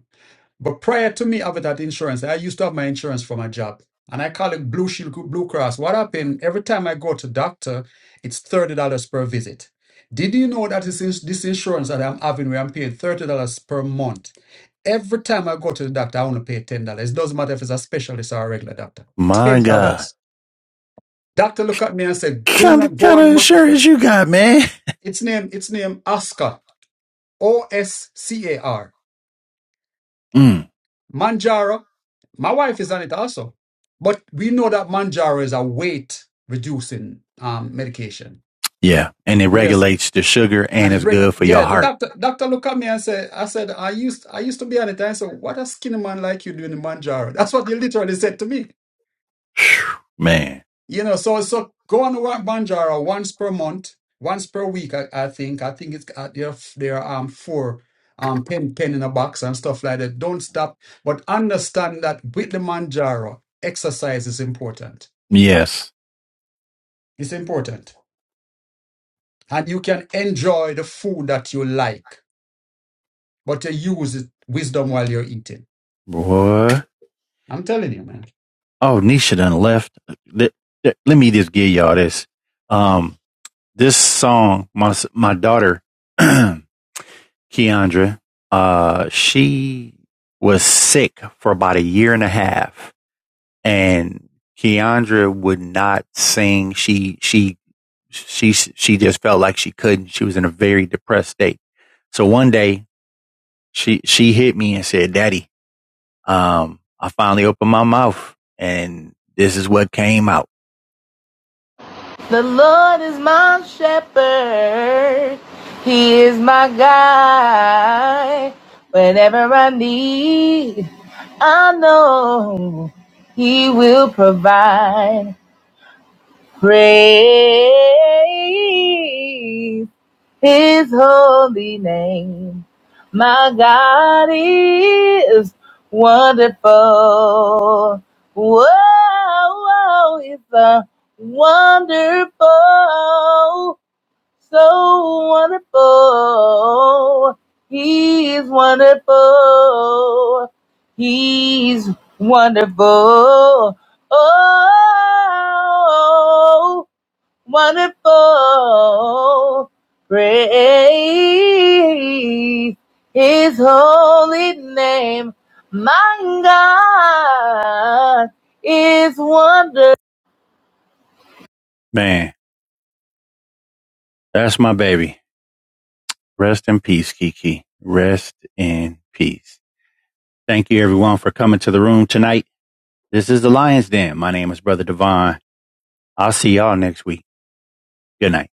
But prior to me having that insurance, I used to have my insurance for my job. And I call it Blue Shield Blue Cross. What happened? Every time I go to doctor, it's $30 per visit. Did you know that this, ins- this insurance that I'm having, where I'm paying $30 per month, every time I go to the doctor, I only pay $10. It doesn't matter if it's a specialist or a regular doctor.
My
$10.
God.
Doctor look at me and said, do
Kind
not
of,
go
kind of
on. my-"
insurance you got, man.
It's name, it's name Oscar. O-S-C-A-R.
Mm,
Manjaro, my wife is on it also. But we know that Manjaro is a weight reducing um, medication.
yeah. And it
Yes.
regulates the sugar
And
and
it's
it's
reg-
good for your
yeah, the
heart,
doctor doctor looked at me and said, I said, I used I used to be on it. I said, What a skinny man like you doing the Manjaro? That's what he literally said to me.
man.
You know, so so go on to Wa- Banjara once per month, once per week. I, I think I think it's uh, there. are f- There are um four, um pen pen in a box and stuff like that. Don't stop, but understand that with the Manjaro, exercise is important.
Yes.
It's important, and you can enjoy the food that you like, but you use it, wisdom while you're eating.
Boy.
I'm telling you, man.
Oh, Nisha done left. Let, let- let me just give y'all this. Um, this song, my my daughter, Keandra, uh, she was sick for about a year and a half, and Keandra would not sing. She she she she just felt like she couldn't. She was in a very depressed state. So one day she she hit me and said, "Daddy, um, I finally opened my mouth, and this is what came out." is my shepherd. He is my guide. Whenever I need, I know He will provide. Praise His holy name. My God is wonderful. Whoa, whoa, it's a wonderful. so wonderful. He's wonderful. He's wonderful. Oh, wonderful. Praise his holy name. My God is wonderful. Man, that's my baby. Rest in peace, Kiki. Rest in peace. Thank you everyone for coming to the room tonight. This is the Lion's Den. My name is Brother Devon. I'll see y'all next week. Good night.